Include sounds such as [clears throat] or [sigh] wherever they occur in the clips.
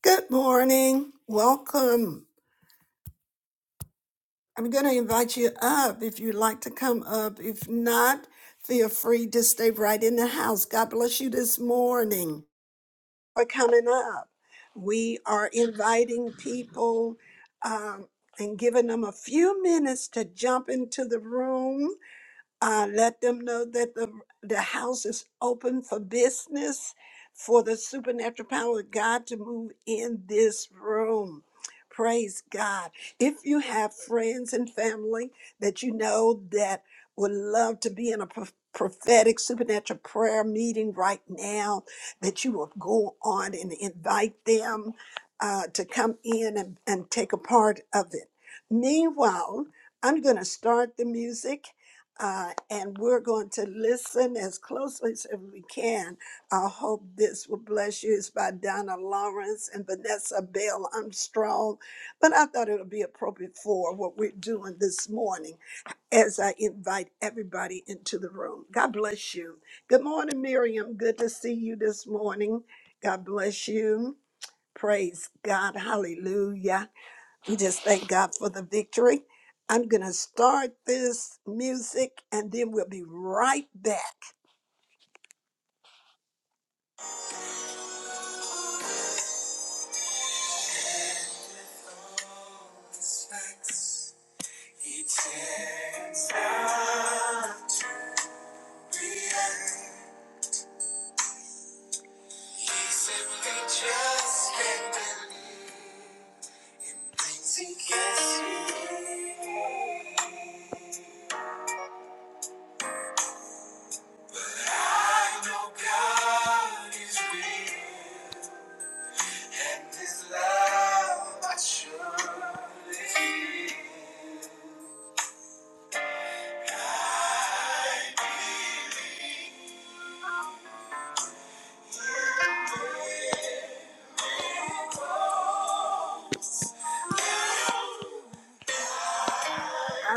Good morning. Welcome. I'm going to invite you up if you'd like to come up. If not, feel free to stay right in the house. God bless you this morning for coming up. We are inviting people um, and giving them a few minutes to jump into the room. Uh, let them know that the, the house is open for business for the supernatural power of God to move in this room. Praise God. If you have friends and family that you know that would love to be in a pro- prophetic supernatural prayer meeting right now, that you will go on and invite them uh, to come in and, and take a part of it. Meanwhile, I'm going to start the music uh, and we're going to listen as closely as we can. I hope this will bless you. It's by Donna Lawrence and Vanessa Bell Armstrong, but I thought it would be appropriate for what we're doing this morning as I invite everybody into the room. God bless you. Good morning, Miriam. Good to see you this morning. God bless you. Praise God. Hallelujah. We just thank God for the victory. I'm going to start this music and then we'll be right back.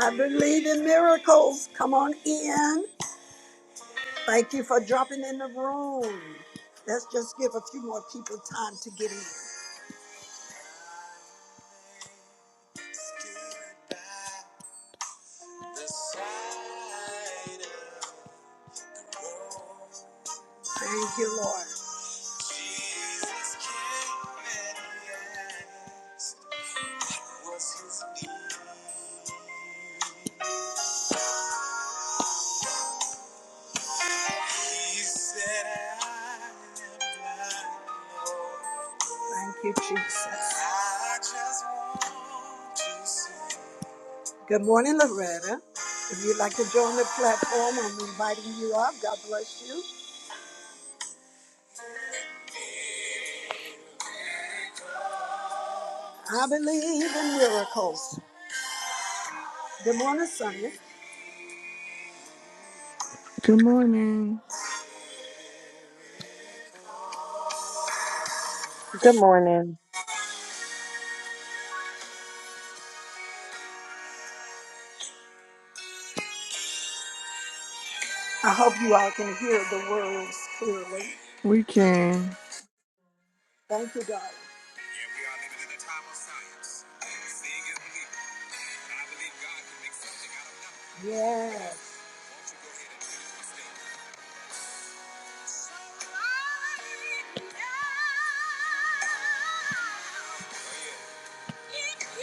I believe in miracles. Come on in. Thank you for dropping in the room. Let's just give a few more people time to get in. Thank you, Lord. Thank you, Jesus. Good morning, Loretta. If you'd like to join the platform, I'm inviting you up. God bless you. I believe in miracles. Good morning, Sonia. Good morning. Good morning. I hope you all can hear the words clearly. We can. Thank you, darling. Yeah, we are living in a time of science. Seeing is believing. And I believe God can make something out of nothing. Yes. Won't you go ahead and finish the statement? So I am. Take me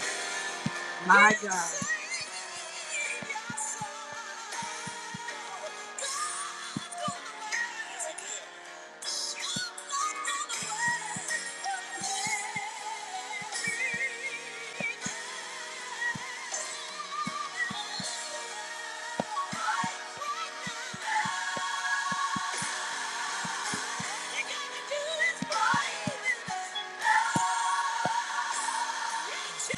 back. You gotta do this right. Yeah.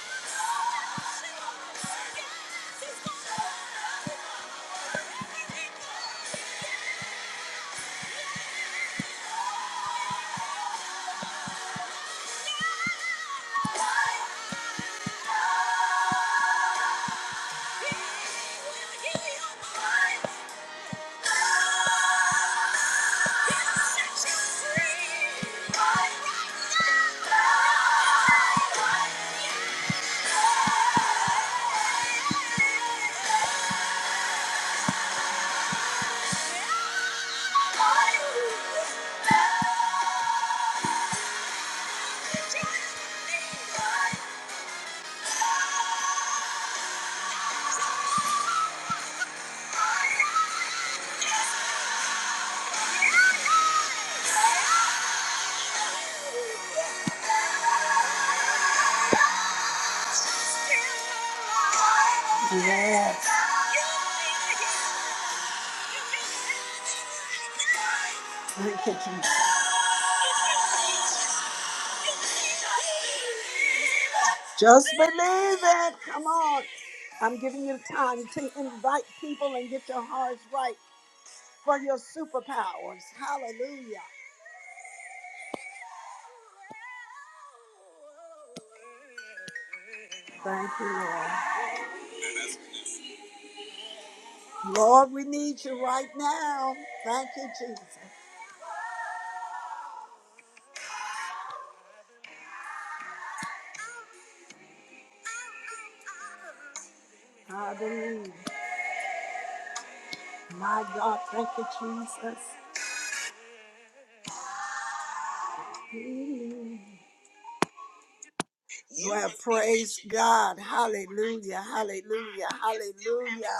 Yes. Look at you. Just believe it. Come on. I'm giving you time to invite people and get your hearts right. for your superpowers. Hallelujah. Thank you, Lord. Lord, we need you right now. Thank you, Jesus. Hallelujah. My God, thank you, Jesus. You have praised God. Hallelujah. Hallelujah. Hallelujah.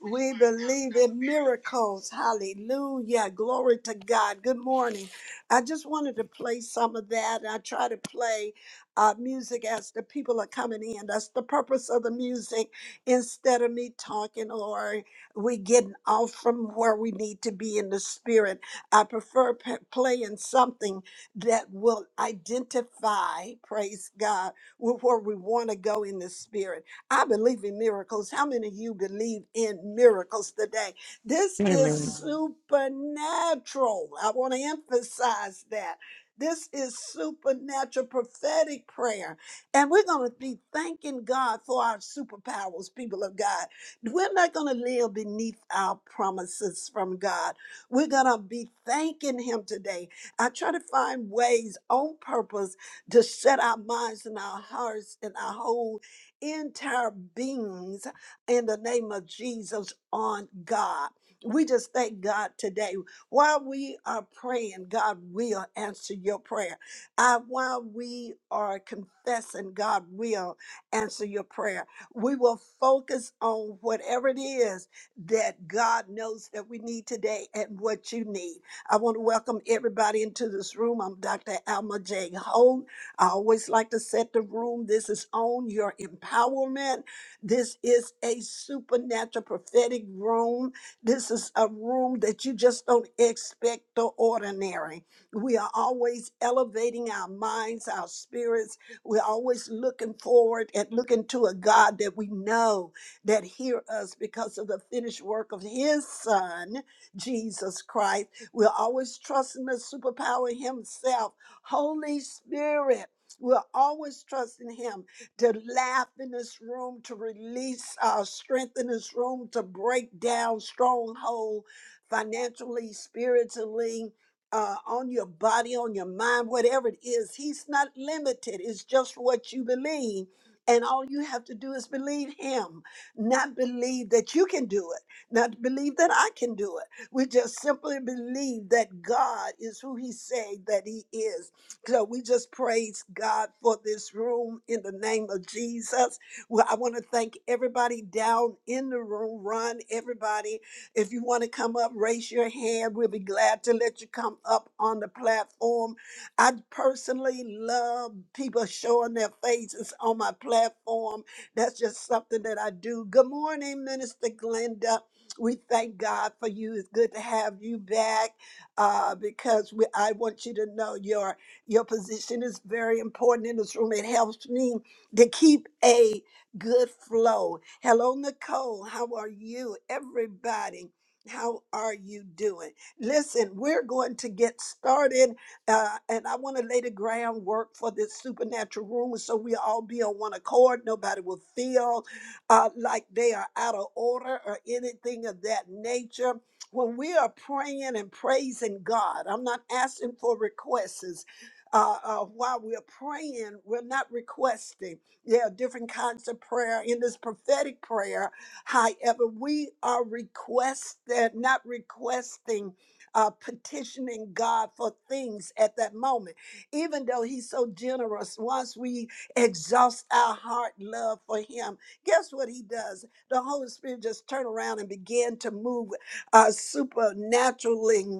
We believe in miracles. Hallelujah. Glory to God. Good morning. I just wanted to play some of that. I try to play uh, music as the people are coming in. That's the purpose of the music instead of me talking or we getting off from where we need to be in the spirit. I prefer p- playing something that will identify, praise God, with where we want to go in the spirit. I believe in miracles. How many of you believe in miracles today? This Amen. is Amen. supernatural. I want to emphasize that. This is supernatural prophetic prayer. And we're going to be thanking God for our superpowers, people of God. We're not going to live beneath our promises from God. We're going to be thanking Him today. I try to find ways on purpose to set our minds and our hearts and our whole entire beings in the name of Jesus on God. We just thank God today. While we are praying, God will answer your prayer. Uh, while we are confessing, God will answer your prayer. We will focus on whatever it is that God knows that we need today and what you need. I want to welcome everybody into this room. I'm Dr. Alma J. Ho. I always like to set the room. This is on your empowerment. This is a supernatural prophetic room. This is a room that you just don't expect the ordinary. We are always elevating our minds, our spirits. We're always looking forward and looking to a God that we know that hear us because of the finished work of his son, Jesus Christ. We're always trusting the superpower himself, Holy Spirit. We'll always trust in Him to laugh in this room, to release our strength in this room, to break down stronghold financially, spiritually. Uh, on your body, on your mind, whatever it is, he's not limited. It's just what you believe. And all you have to do is believe him, not believe that you can do it, not believe that I can do it. We just simply believe that God is who he say that he is so we just praise God for this room in the name of Jesus. Well, I want to thank everybody down in the room. Ron, everybody, if you want to come up, raise your hand. We'll be glad to let you come up on the platform. I personally love people showing their faces on my platform. That's just something that I do. Good morning, Minister Glenda. We thank God for you. It's good to have you back uh, because we, I want you to know your your position is very important in this room. It helps me to keep a good flow. Hello, Nicole. How are you? Everybody, how are you doing? Listen, we're going to get started, uh, and I want to lay the groundwork for this supernatural room so we all be on one accord. Nobody will feel uh, like they are out of order or anything of that nature when we are praying and praising God, I'm not asking for requests uh, uh, while we're praying, we're not requesting. There are different kinds of prayer in this prophetic prayer. However, we are requested, not requesting, uh, petitioning God for things at that moment. Even though He's so generous, once we exhaust our heart love for Him, guess what He does? The Holy Spirit just turn around and begin to move uh, supernaturally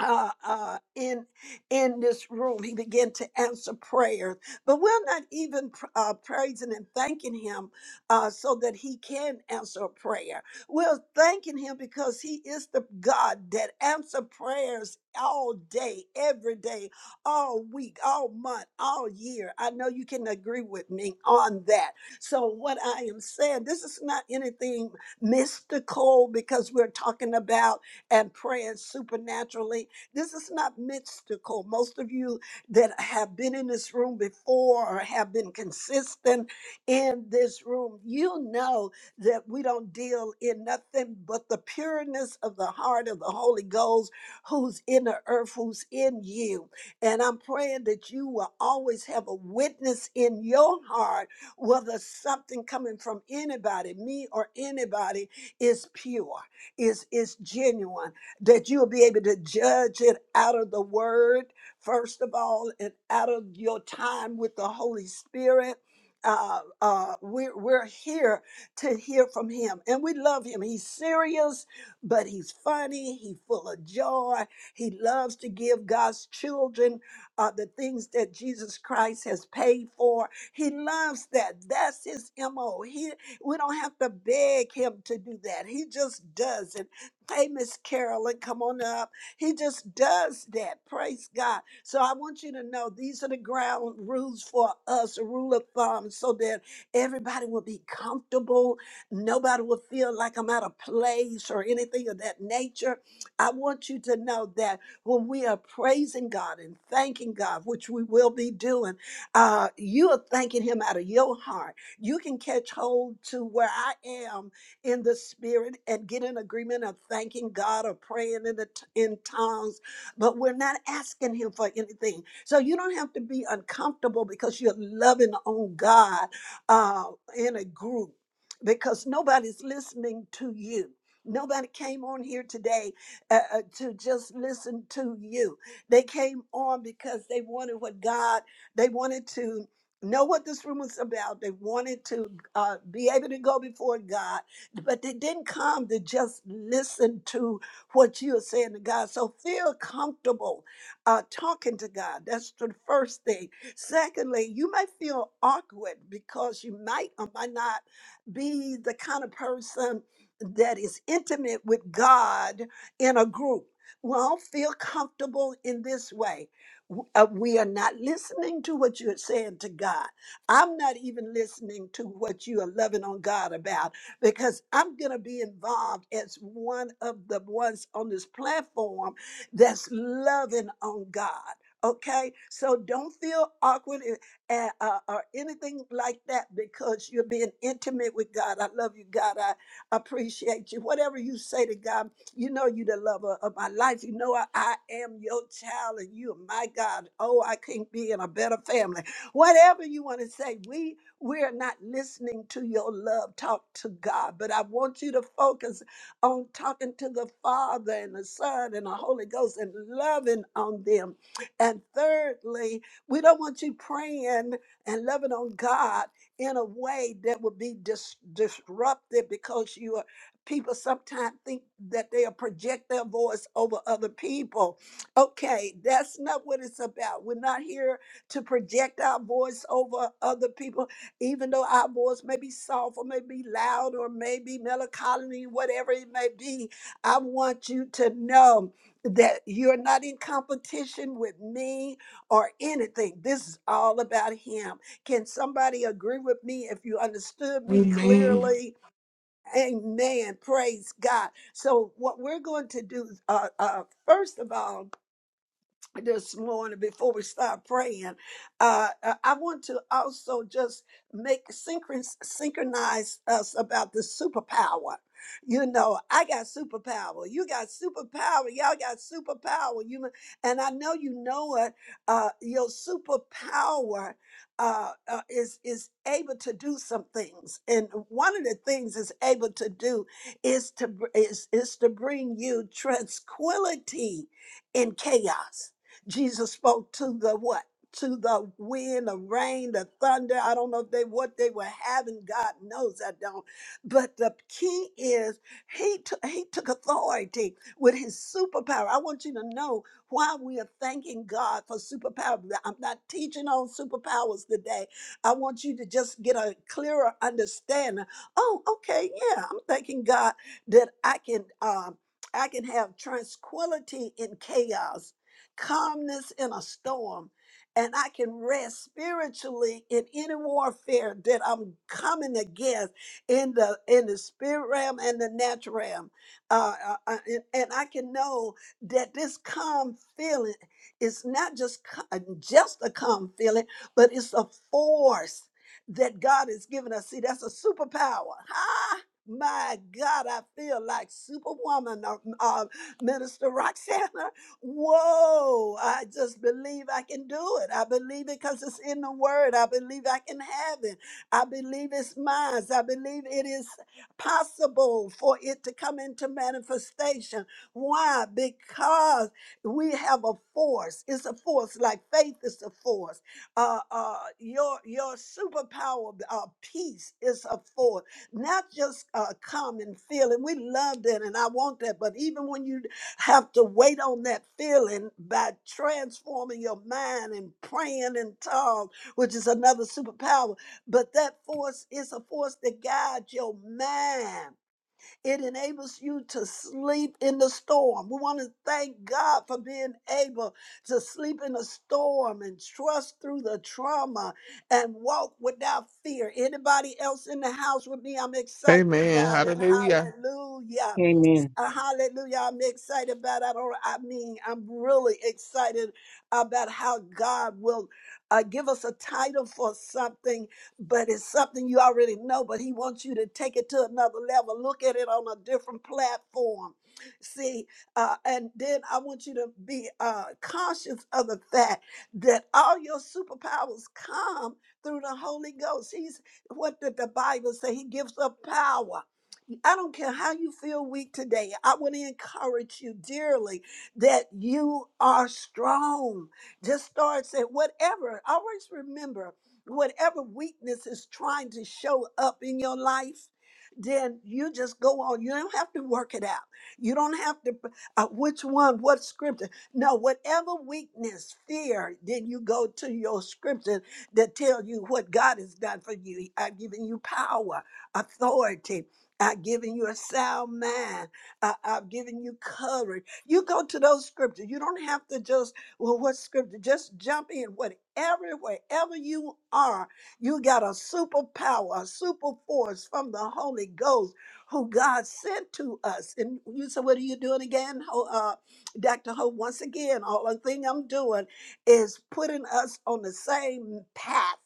uh, uh, in in this room. He began to answer prayers, but we're not even pr- uh, praising and thanking him uh, so that he can answer a prayer. We're thanking him because he is the God that answer prayers all day, every day, all week, all month, all year. I know you can agree with me on that. So what I am saying, this is not anything mystical because we're talking about and praying supernaturally this is not mystical. Most of you that have been in this room before or have been consistent in this room, you know that we don't deal in nothing but the pureness of the heart of the Holy Ghost who's in the earth, who's in you. And I'm praying that you will always have a witness in your heart whether something coming from anybody, me or anybody, is pure, is is genuine that you'll be able to judge it out of the word, first of all, and out of your time with the Holy Spirit. Uh, uh, we're, we're here to hear from him and we love him. He's serious, but he's funny. He's full of joy. He loves to give God's children uh, the things that Jesus Christ has paid for. He loves that. That's his MO. He, we don't have to beg him to do that. He just does it Hey, Miss Carolyn, come on up. He just does that. Praise God. So I want you to know these are the ground rules for us, a rule of thumb, so that everybody will be comfortable. Nobody will feel like I'm out of place or anything of that nature. I want you to know that when we are praising God and thanking God, which we will be doing, uh, you are thanking Him out of your heart. You can catch hold to where I am in the spirit and get in agreement of thanking God or praying in the t- in tongues, but we're not asking him for anything. So you don't have to be uncomfortable because you're loving on God uh, in a group because nobody's listening to you. Nobody came on here today uh, uh, to just listen to you. They came on because they wanted what God, they wanted to know what this room was about. They wanted to uh, be able to go before God but they didn't come to just listen to what you're saying to God. So feel comfortable uh, talking to God. That's the first thing. Secondly, you may feel awkward because you might or might not be the kind of person that is intimate with God in a group. Well, feel comfortable in this way. W- uh, we are not listening to what you're saying to God. I'm not even listening to what you are loving on God about because I'm going to be involved as one of the ones on this platform that's loving on God. Okay, so don't feel awkward uh, uh, or anything like that because you're being intimate with God. I love you, God. I appreciate you. Whatever you say to God, you know you the lover of my life. You know I, I am your child and you are my God. Oh, I can't be in a better family. Whatever you want to say, we we're not listening to your love talk to God, but I want you to focus on talking to the Father and the Son and the Holy Ghost and loving on them. And thirdly, we don't want you praying and loving on God in a way that would be dis- disruptive because you are people sometimes think that they'll project their voice over other people. Okay, that's not what it's about. We're not here to project our voice over other people even though our voice may be soft or may be loud or may be melancholy, whatever it may be, I want you to know that you're not in competition with me or anything. This is all about Him. Can somebody agree with me if you understood me Amen. clearly? Amen. Praise God. So, what we're going to do, uh, uh, first of all, this morning before we start praying. Uh, uh, I want to also just make synchron- synchronize us about the superpower. You know, I got superpower. You got superpower. Y'all got superpower. You and I know you know it. Uh, your superpower uh, uh, is is able to do some things, and one of the things it's able to do is to br- is is to bring you tranquility in chaos Jesus spoke to the what? To the wind, the rain, the thunder. I don't know if they what they were having. God knows I don't. But the key is he took he took authority with his superpower. I want you to know why we are thanking God for superpower. I'm not teaching on superpowers today. I want you to just get a clearer understanding. Oh, okay, yeah. I'm thanking God that I can um I can have tranquility in chaos calmness in a storm. And I can rest spiritually in any warfare that I'm coming against in the in the spirit realm and the natural realm, uh, uh, uh, and, and I can know that this calm feeling is not just co- uh, just a calm feeling, but it's a force that God has given us. See, that's a superpower. Ah, my God, I feel like Superwoman, uh, uh, Minister Roxana. Whoa, I just believe I can do it. I believe it because it's in the word. I believe I can have it. I believe it's mine. I believe it is possible for it to come into manifestation. Why? Because we have a force. It's a force, like faith is a force. Uh, uh, your your superpower, uh, peace, is a force. Not just uh, come and feel, and we love that, and I want that. But even when you have to wait on that feeling by transforming your mind and praying in tongues, which is another superpower. But that force is a force that guides your mind. It enables you to sleep in the storm. We want to thank God for being able to sleep in the storm and trust through the trauma and walk without fear. Anybody else in the house with me? I'm excited Amen. about it. Hallelujah. Hallelujah. Amen. Uh, hallelujah. I'm excited about I don't I mean I'm really excited about how God will uh, give us a title for something, but it's something you already know, but he wants you to take it to another level, look at it on a different platform. See, uh, and then I want you to be uh, conscious of the fact that all your superpowers come through the Holy Ghost. He's what did the Bible say? He gives up power. I don't care how you feel weak today. I want to encourage you dearly that you are strong. Just start saying, whatever, always remember, whatever weakness is trying to show up in your life, then you just go on. You don't have to work it out. You don't have to, uh, which one, what scripture. No, whatever weakness, fear, then you go to your scripture that tell you what God has done for you. I've given you power, authority I've given you a sound mind. I, I've given you courage. You go to those scriptures. You don't have to just, well, what scripture? Just jump in. Whatever, wherever you are, you got a superpower, a super force from the Holy Ghost who God sent to us. And you say, what are you doing again, Ho- uh, Dr. Ho? Once again, all the thing I'm doing is putting us on the same path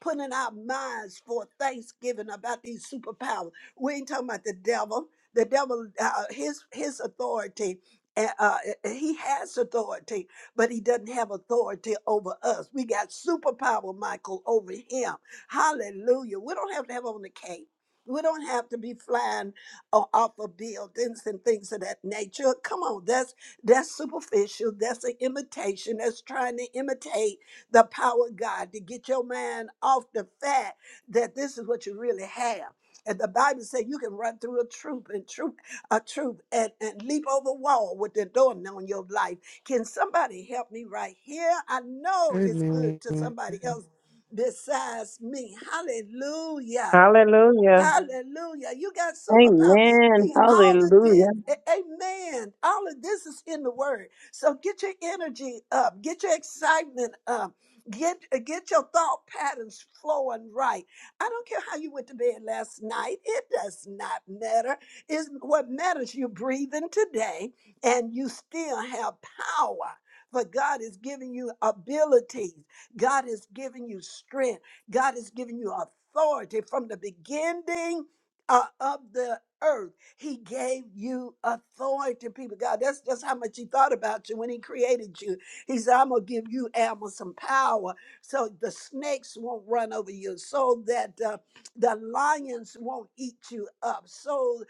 putting our minds for thanksgiving about these superpowers. We ain't talking about the devil. The devil, uh, his his authority. Uh, uh, he has authority, but he doesn't have authority over us. We got superpower, Michael, over him. Hallelujah. We don't have to have on the cape. We don't have to be flying o- off of buildings and things of that nature. Come on, that's that's superficial. That's an imitation. That's trying to imitate the power of God to get your mind off the fact that this is what you really have. And the Bible says you can run through a troop and troop a troop and, and leap over a wall with the door on your life. Can somebody help me right here? I know it's Amen. good to somebody else besides me. Hallelujah. Hallelujah. Hallelujah. You got superpower. Amen. See, all of this, Hallelujah. a- amen. All of this is in the word. So get your energy up, get your excitement up, get get your thought patterns flowing right. I don't care how you went to bed last night. It does not matter. Is what matters you're breathing today and you still have power. For God is giving you abilities. God is giving you strength. God has given you authority from the beginning uh, of the earth. He gave you authority, people. God, that's just how much He thought about you when He created you. He said, I'm going to give you animals some power so the snakes won't run over you, so that uh, the lions won't eat you up, so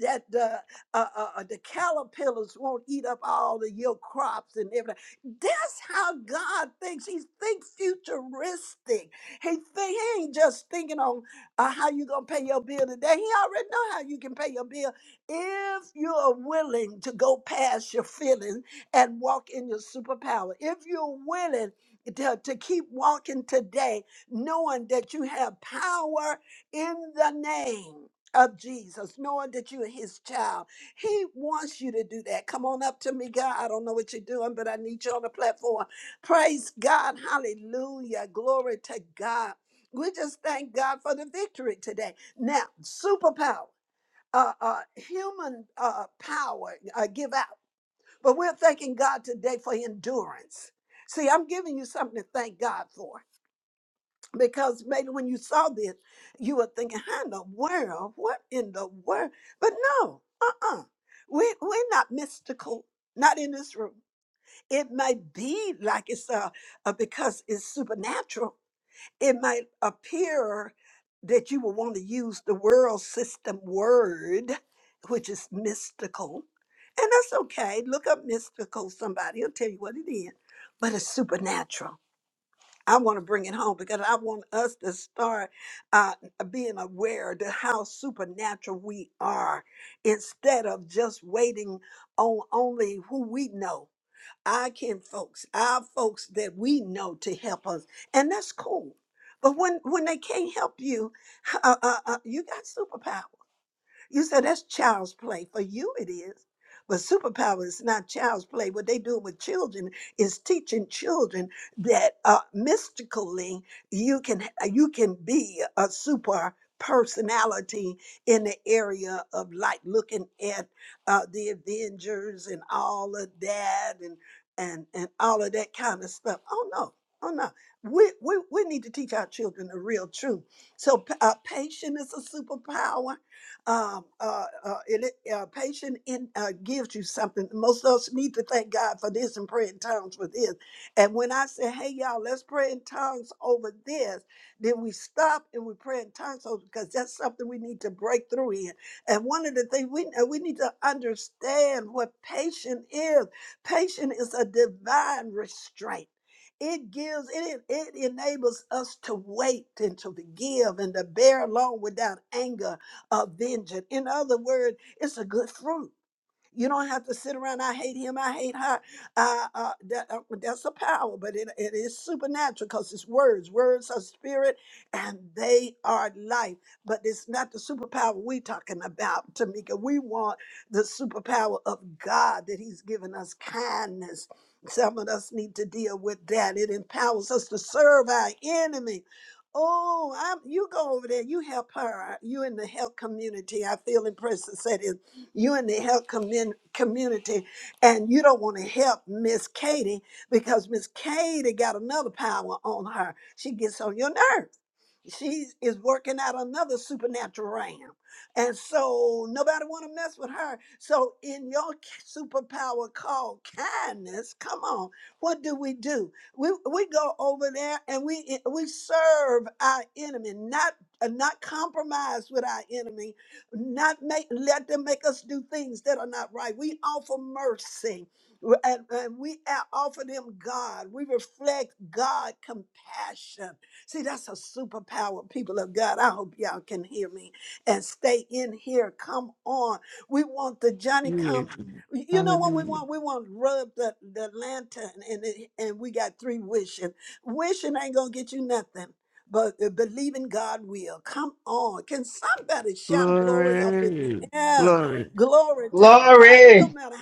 that the, uh, uh, uh, the caterpillars won't eat up all of your crops and everything. That's how God thinks. He thinks futuristic. He think he ain't just thinking on uh, how you gonna pay your bill today. He already know how you can pay your bill if you are willing to go past your feelings and walk in your superpower. If you're willing to, to keep walking today, knowing that you have power in the name of Jesus, knowing that you are his child. He wants you to do that. Come on up to me, God. I don't know what you're doing, but I need you on the platform. Praise God. Hallelujah. Glory to God. We just thank God for the victory today. Now, superpower. Uh, uh, human uh, power uh, give out, but we're thanking God today for endurance. See, I'm giving you something to thank God for because maybe when you saw this, you were thinking, "How in the world? What in the world?" But no, uh, uh-uh. we we're not mystical, not in this room it might be like it's uh, uh because it's supernatural it might appear that you will want to use the world system word which is mystical and that's okay look up mystical somebody will tell you what it is but it's supernatural i want to bring it home because i want us to start uh, being aware to how supernatural we are instead of just waiting on only who we know our kin folks, our folks that we know to help us, and that's cool. But when when they can't help you, uh, uh, uh, you got superpowers. You said that's child's play. For you, it is. But superpower is not child's play. What they do with children is teaching children that uh, mystically you can uh, you can be a super personality in the area of like looking at uh, the Avengers and all of that and and and all of that kind of stuff. Oh no, oh no. We we, we need to teach our children the real truth. So p- uh, patience is a superpower um, uh, uh, and it, uh, patient in, uh, gives you something. Most of us need to thank God for this and pray in tongues for this. And when I say, hey, y'all, let's pray in tongues over this, then we stop and we pray in tongues over because that's something we need to break through in. And one of the things we, uh, we need to understand what patient is patient is a divine restraint. It gives, it, it enables us to wait and to give and to bear along without anger of vengeance. In other words, it's a good fruit. You don't have to sit around. I hate him. I hate her. Uh, uh, that, uh, that's a power, but it, it is supernatural because it's words. Words are spirit, and they are life. But it's not the superpower we talking about, Tamika. We want the superpower of God that He's given us kindness. Some of us need to deal with that. It empowers us to serve our enemy. Oh, I'm, you go over there. You help her. You in the help community. I feel impressed to say this you in the health commun- community, and you don't want to help Miss Katie because Miss Katie got another power on her. She gets on your nerve she is working out another supernatural realm and so nobody want to mess with her so in your k- superpower called kindness come on what do we do we, we go over there and we eh, we serve our enemy not uh, not compromise with our enemy not make let them make us do things that are not right we offer mercy and, and we a- offer them god we reflect god compassion See, that's a superpower, people of God. I hope y'all can hear me and stay in here. Come on. We want the Johnny Yes. come. You know what we Hallelujah. want? We want to rub the, the lantern and it, and we got three wishing. Wishing ain't gonna get you nothing. But uh, believing God will. Come on. Can somebody shout glory up in Glory. here? Glory. Glory to God. It Glory. don't matter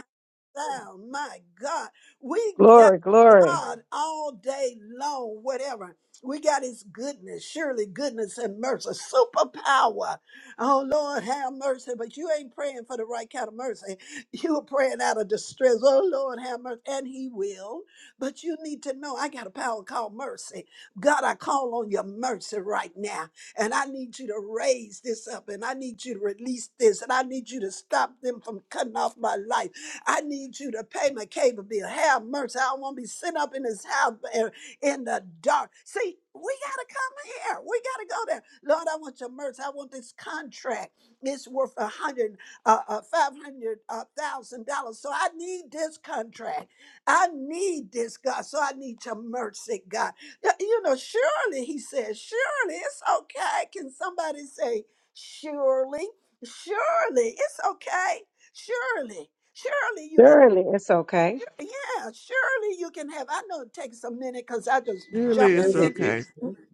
sound. My God, we got Glory, glory. God all day long, whatever. We got his goodness, surely goodness and mercy, superpower. Oh Lord, have mercy. But you ain't praying for the right kind of mercy. You are praying out of distress. Oh Lord, have mercy. And he will. But you need to know I got a power called mercy. God, I call on your mercy right now. And I need you to raise this up. And I need you to release this. And I need you to stop them from cutting off my life. I need you to pay my cable bill. Have mercy. I don't want to be sitting up in this house in in the dark. See, we got to come here. We got to go there. Lord, I want your mercy. I want this contract. It's worth a hundred, uh, uh, five hundred uh, thousand dollars. So I need this contract. I need this, God. So I need your mercy, God. Y- You know, surely, he says, surely it's okay. Can somebody say, surely? Surely it's okay surely surely you can Surely it's okay. yeah surely you can have i know it takes a minute because i just Really, jump it's in okay.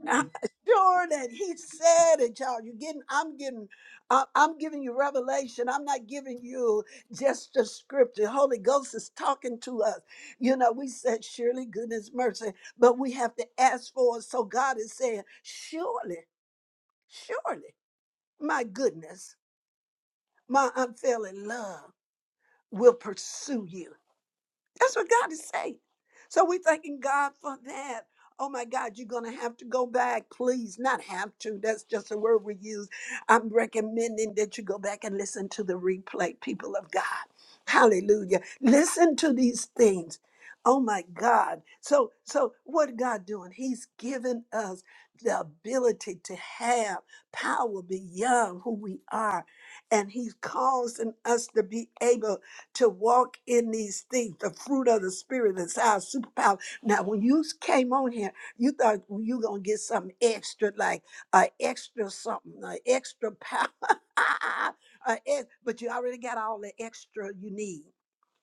I, sure that he said it y'all you're getting I'm getting I, i'm giving you revelation i'm not giving you just the scripture holy ghost is talking to us you know we said surely goodness mercy but we have to ask for it so god is saying surely surely my goodness my unfailing love will pursue you That's what God is saying. So we thanking God for that. Oh my God, you're gonna have to go back, please. Not have to. That's just a word we use. I'm recommending that you go back and listen to the replay, people of God. Hallelujah. Listen to these things. Oh my God. So so what God doing? He's given us the ability to have power beyond who we are. And He's causing us to be able to walk in these things, the fruit of the spirit is our superpower. Now, when you came on here, you thought you gonna get something extra, like an extra something, an extra power. [laughs] a ex- but you already got all the extra you need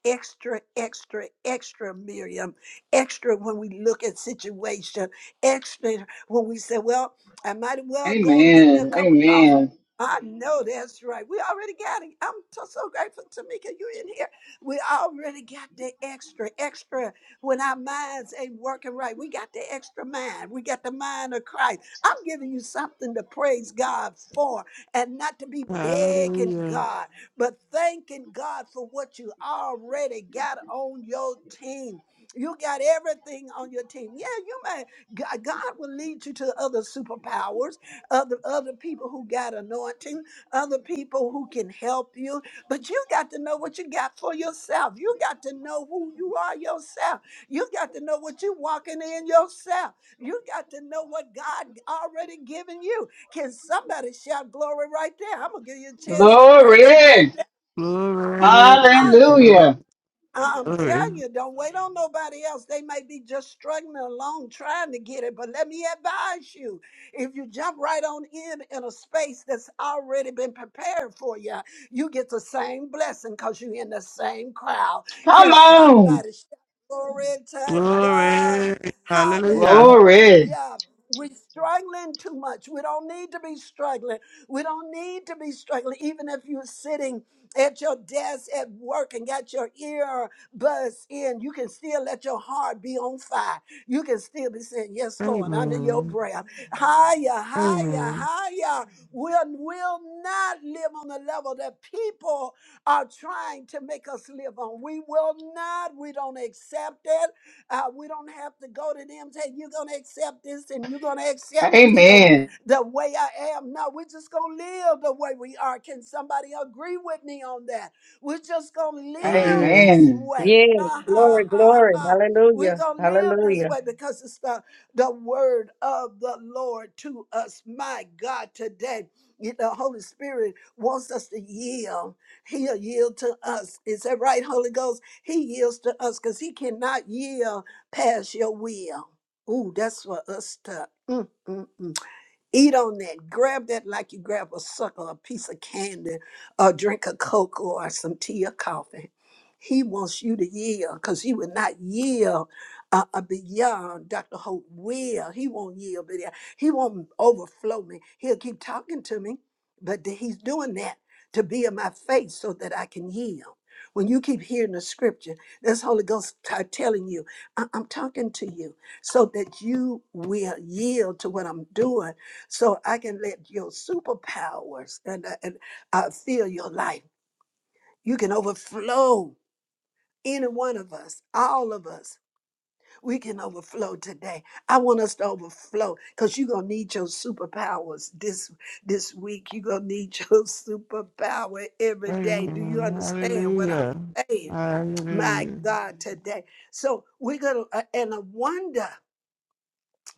extra, extra, extra, Miriam, extra when we look at situation, extra when we say, well, I might as well go and get me a Amen. cup of coffee. Amen. I know that's right. We already got it. I'm so, so grateful, Tamika, you in here. We already got the extra, extra. When our minds ain't working right, we got the extra mind. We got the mind of Christ. I'm giving you something to praise God for and not to be begging Hallelujah. God but thanking God for what you already got on your team. You got everything on your team. Yeah, you may. God God will lead you to other superpowers, other other people who got anointing, other people who can help you. But you got to know what you got for yourself. You got to know who you are yourself. You got to know what you're walking in yourself. You got to know what God already given you. Can somebody shout glory right there? I'm gonna give you a chance to praise him right Glory. there. Glory. Hallelujah. Hallelujah. I- I'm Glory. telling you, don't wait on nobody else. They may be just struggling along trying to get it. But let me advise you if you jump right on in in a space that's already been prepared for you, you get the same blessing because you're in the same crowd. Come Can on. somebody shout glory to God? Glory. Hallelujah. Glory. Hallelujah. We're struggling too much. We don't need to be struggling. We don't need to be struggling. Even if you're sitting at your desk at work and got your earbuds in, you can still let your heart be on fire. You can still be saying, Yes, Lord, under your Amen. breath. Higher, higher, Amen. higher. We'll, not live on the level that people are trying to make us live on. We will not. We don't accept it. Uh, we don't have to go to them and say, You're going to accept this and you're going to accept me the Amen. the way I am. No, we're just going to live the way we are. Can somebody agree with me on that? We're just going to live Amen. this Amen. way. Yes. Ha, Glory, ha, ha, glory. ha. We're Hallelujah. going to live this Hallelujah. way because it's the, the word of the Lord to us. My God, today, you- the Holy Spirit wants us to yield. He'll yield to us. Is that right, Holy Ghost? He yields to us because he cannot yield past your will. Ooh, that's for us to. Mm, mm, mm. Eat on that. Grab that like you grab a sucker, a piece of candy, or drink a Coke or some tea or coffee. He wants you to yield because he will not yield uh, uh, beyond Dr. Hope will. He won't yield, but he he won't overflow me. He'll keep talking to me, but th- he's doing that to be in my face so that I can yield. When you keep hearing the scripture, that's Holy Ghost t- telling you, I- I'm talking to you so that you will yield to what I'm doing so I can let your superpowers and, uh, and uh, fill your life. You can overflow any one of us, all of us. We can overflow today. I want us to overflow because you're gonna need your superpowers this this week. You're gonna need [laughs] your superpower every day. Do you Amen. understand what Hallelujah. I'm saying? My Hallelujah. God, today. So we're gonna uh, and a wonder.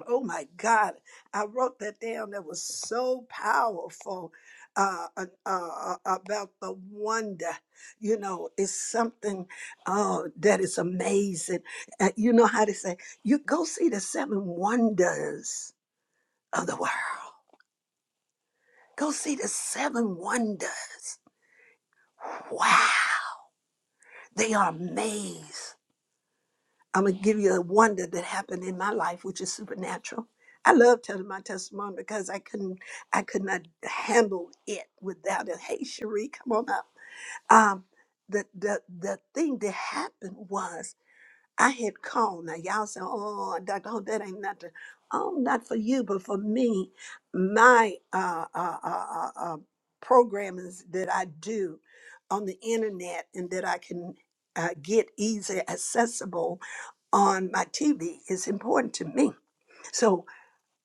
Oh my God, I wrote that down. That was so powerful uh, uh, uh, about the wonder. You know, it's something uh, that is amazing. Uh, you know how they say, you go see the seven wonders of the world. Go see the seven wonders. Wow, they are amazed. I'm gonna give you a wonder that happened in my life, which is supernatural. I love telling my testimony because I couldn't, I could not handle it without it. Hey, Cherie, come on up. Um, the the the thing that happened was I had called. Now y'all say, oh, Doctor, oh, that ain't nothing. Oh, not for you, but for me, my uh, uh, uh, uh, uh, programs that I do on the internet and that I can uh, get easy accessible on my TV is important to me. So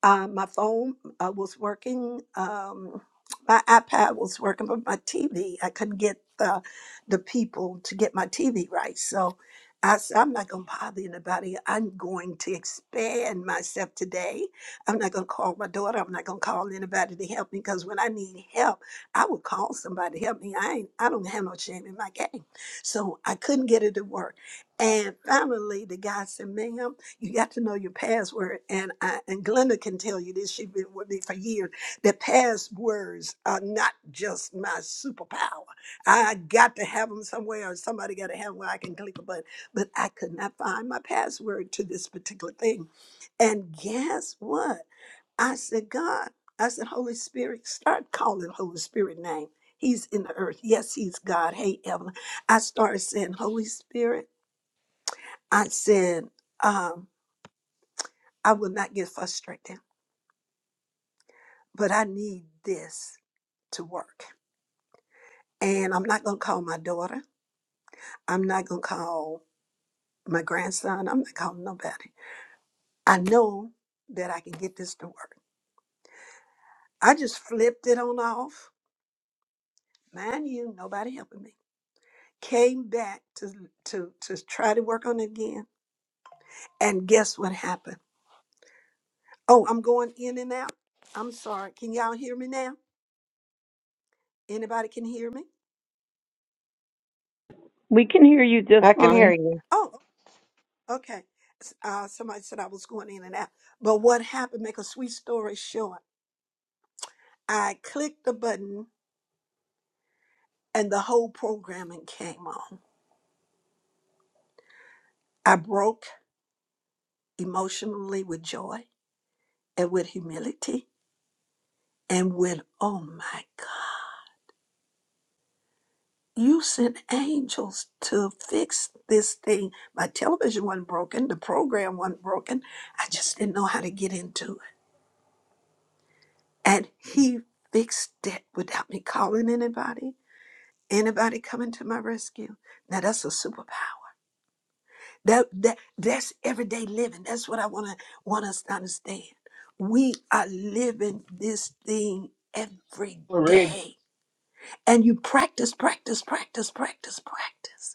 uh, my phone uh, was working. Um, my iPad was working, but my TV, I couldn't get the, the people to get my TV right. So I said, I'm not going to bother anybody. I'm going to expand myself today. I'm not going to call my daughter. I'm not going to call anybody to help me because when I need help, I would call somebody to help me. I ain't, I don't have no shame in my game. So I couldn't get it to work. And finally, the guy said, ma'am. You got to know your password, and I, and Glenda can tell you this. She's been with me for years. That passwords are not just my superpower. I got to have them somewhere, or somebody got to have 'em where I can click a button. But I could not find my password to this particular thing. And guess what? I said, God, I said, Holy Spirit, start calling Holy Spirit name. He's in the earth. Yes, he's God. Hey, Evelyn. I started saying, Holy Spirit. I said. um. I will not get frustrated, but I need this to work. And I'm not going to call my daughter. I'm not going to call my grandson. I'm not calling nobody. I know that I can get this to work. I just flipped it on off. Mind you, nobody helping me. Came back to, to, to try to work on it again. And guess what happened? Oh, I'm going in and out. I'm sorry. Can y'all hear me now? Anybody can hear me? We can hear you just I can hear fine. you. Oh. Okay. Uh, somebody said I was going in and out. But what happened, make a sweet story short, I clicked the button and the whole programming came on. I broke emotionally with joy and with humility and with, oh my God, you sent angels to fix this thing. My television wasn't broken, the program wasn't broken. I just didn't know how to get into it. And he fixed it without me calling anybody Anybody coming to my rescue? Now that's a superpower. That, that that's everyday living. That's what I want to want us to understand. We are living this thing every Glory. day. And you practice, practice, practice, practice, practice.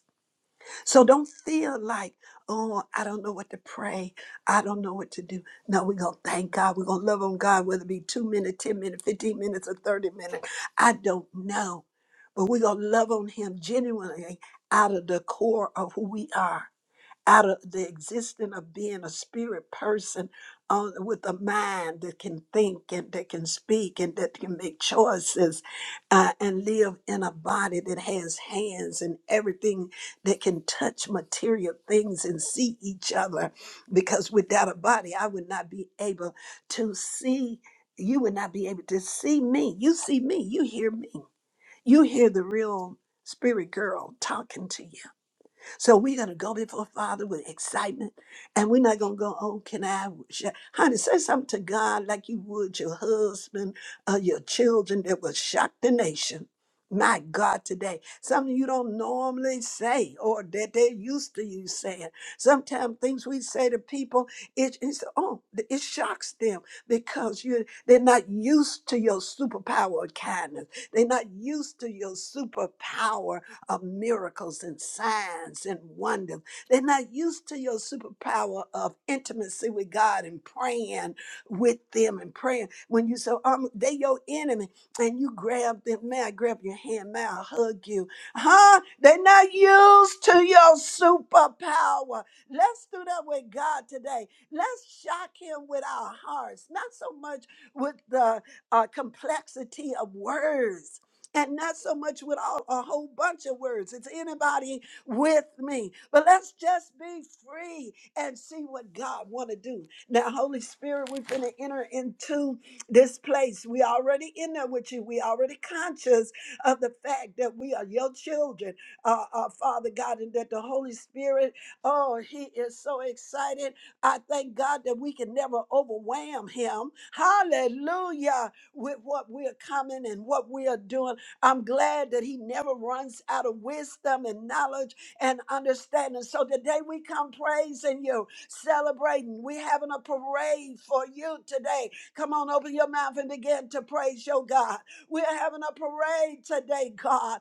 So don't feel like, oh, I don't know what to pray. I don't know what to do. No, we're going to thank God. We're going to love on God, whether it be two minutes, 10 minutes, 15 minutes, or 30 minutes. I don't know. But we're going to love on Him genuinely out of the core of who we are out of the existence of being a spirit person uh, with a mind that can think and that can speak and that can make choices uh, and live in a body that has hands and everything that can touch material things and see each other. Because without a body, I would not be able to see. You would not be able to see me. You see me, you hear me, you hear the real spirit girl talking to you so we're going to go before Father with excitement, and we're not going to go, oh, can I? wish I-" Honey, say something to God like you would your husband or your children that will shock the nation. My God, today, something you don't normally say or that they're used to you saying. Sometimes things we say to people, it, it's, oh, it shocks them because you they're not used to your superpower of kindness. They're not used to your superpower of miracles and signs and wonders. They're not used to your superpower of intimacy with God and praying with them and praying. When you say, um, they your enemy, and you grab them, may I grab your hand, may I hug you? Huh? They're not used to your superpower. Let's do that with God today. Let's shock him with our hearts, not so much with the uh, complexity of words and not so much with all, a whole bunch of words. It's anybody with me. But let's just be free and see what God want to do. Now, Holy Spirit, we're going to enter into this place. We already in there with you. We already conscious of the fact that we are your children, uh, uh, Father God, and that the Holy Spirit, oh, he is so excited. I thank God that we can never overwhelm him. Hallelujah with what we're coming and what we are doing. I'm glad that he never runs out of wisdom and knowledge and understanding. So today we come praising you, celebrating. We're having a parade for you today. Come on, open your mouth and begin to praise your God. We're having a parade today, God.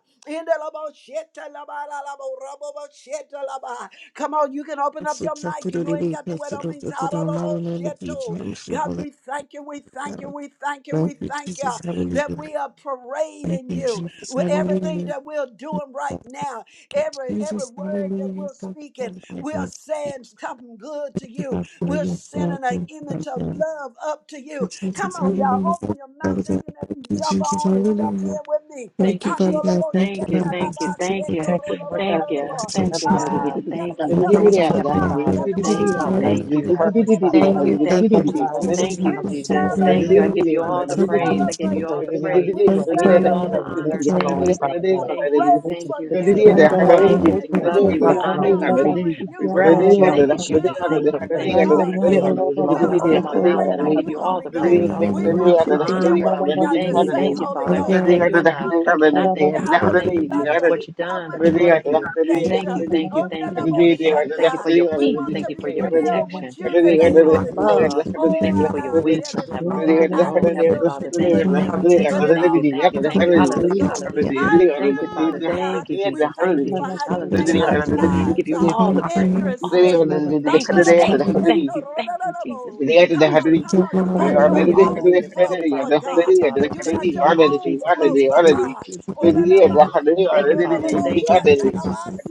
Come on, you can open Thank up you, your Jesus. mic. You ain't got to wait on means. Hallelujah. God, we thank you, we thank you, Thank we thank you, we you, thank you Jesus. that Hallelujah. we are Thank parading you, you Jesus. with everything Hallelujah. that we're doing right now, every every word that we're Thank you, speaking, Father God. we're Thank you. saying something good to Thank you, you. Father God, for We're your sending an Thank you, image of love up to you. Father God, Come on, y'all, open your mouths, for even if you you, jump Jesus. on and jump in Hallelujah. with me. Thank Thank you, Father God. Thank you, Jesus. Hallelujah. Thank you, you, Father Jesus. God. Thank you, Father God. Thank you, Thank you, Father God. thank you, thank you, Thank you, Lord God, thank for you, Andolobo-shetalaba-setorororororobo. lifting thank up you, this Ah, meeting. God. you got to Thank God, keep you, Thank up. you You thank for got you, to putting Heavenly money run. in You the Thank got Father. to you, Thank Jesus. pain you, as thank the person you, Hallelujah. and He- purpose, Father thank God. Hallelujah, you, thank you, Father Lord God, run. Jesus. we Jesus, just [laughs] Thank we We you, found you pray in to the you in the Jesus. holy name and of Thank you. New I celebrate York, lifted give Relativity you. you or and feelings, We the all the Father Son, God. praise. relativity. I Jesus, give we If you celebrate we're all here, you. the praise. We Relativity, you pray are I for give our free to related you all Lord, free we the celebrate pray and love you. honor. for relativity, to our Thank Lord, We're related you, Lord, Father thank having you, related related a God. thank you, And we parade thank just for you, fix we it you. Heavenly pray related on the for Father. front, Thank you. We front, love you. We front, Hallelujah. honor Lord, We're you. We Father honoring God. we you, And just reverence you. know Father. Thank that you, you We're Jesus. are free Thank to you, honoring the thank free, you, thank you. Godhead. Lord, Heavenly Lord, We're Father, open honoring. Father We my God. ain't mouth waiting and I on give Father, you, you all Holy the Ghost. praise, all the We glory, all want the you related to related hear what honor. we got to Thank you, say, related thank you, Holy Father. our the we pray I for Ghost. can't our thank Lord, you We Radikata enough. want dakata radikata you to Cannot thank hear you how enough. dakata much radikata we Thank you, love Jesus. you, radikata dakata What you how done, much what you're we going to radikata radikata do. dakata appreciate radikata Thank you. you, thank you, On the thank you, level, Heavenly Father. Thank you Shaddai, for your We peace. want to Thank you for be your real with protection. you Thank you today, for your Holy Ghost. love. we pray for Oh, Thank you out for our your Lord, of our wisdom, belly we Heavenly flow Father. Oh, Heavenly ideals Father, and thank you, goodness, thank you, thank but you, it thank you, all thank comes you, we from pray for our Lord, we pray thank for you. you, Holy Hallelujah, Ghost. hallelujah. our Thank you, Father. Hallelujah. Thank you, We Jesus. thank Thank you you, for Jesus. how Lord, we pray you for Hallelujah, make our our hallelujah. Lord, we Give lives you uh, pray all for the radikata praise, all the interesting. glory. Thank dakata you, Andolobo, radikata thank you, [laughs] radikata thank sheto, you, thank you, Jesus, rodolobo. Jesus, ഇതിനായിട്ട് Come on, Hari Jesus. come Thank on. You got your Hallelujah, വളരെ Hari Hari own hallelujah. Thank float you, for Father. Thank God. you, Father. You Hari Thank Hari got you, your Jesus, വളരെ own Jesus, വളരെ float Jesus, for വളരെ Jesus, God. Jesus, Jesus. വലിയ Thank you. Hari Thank you, Father. Thank you.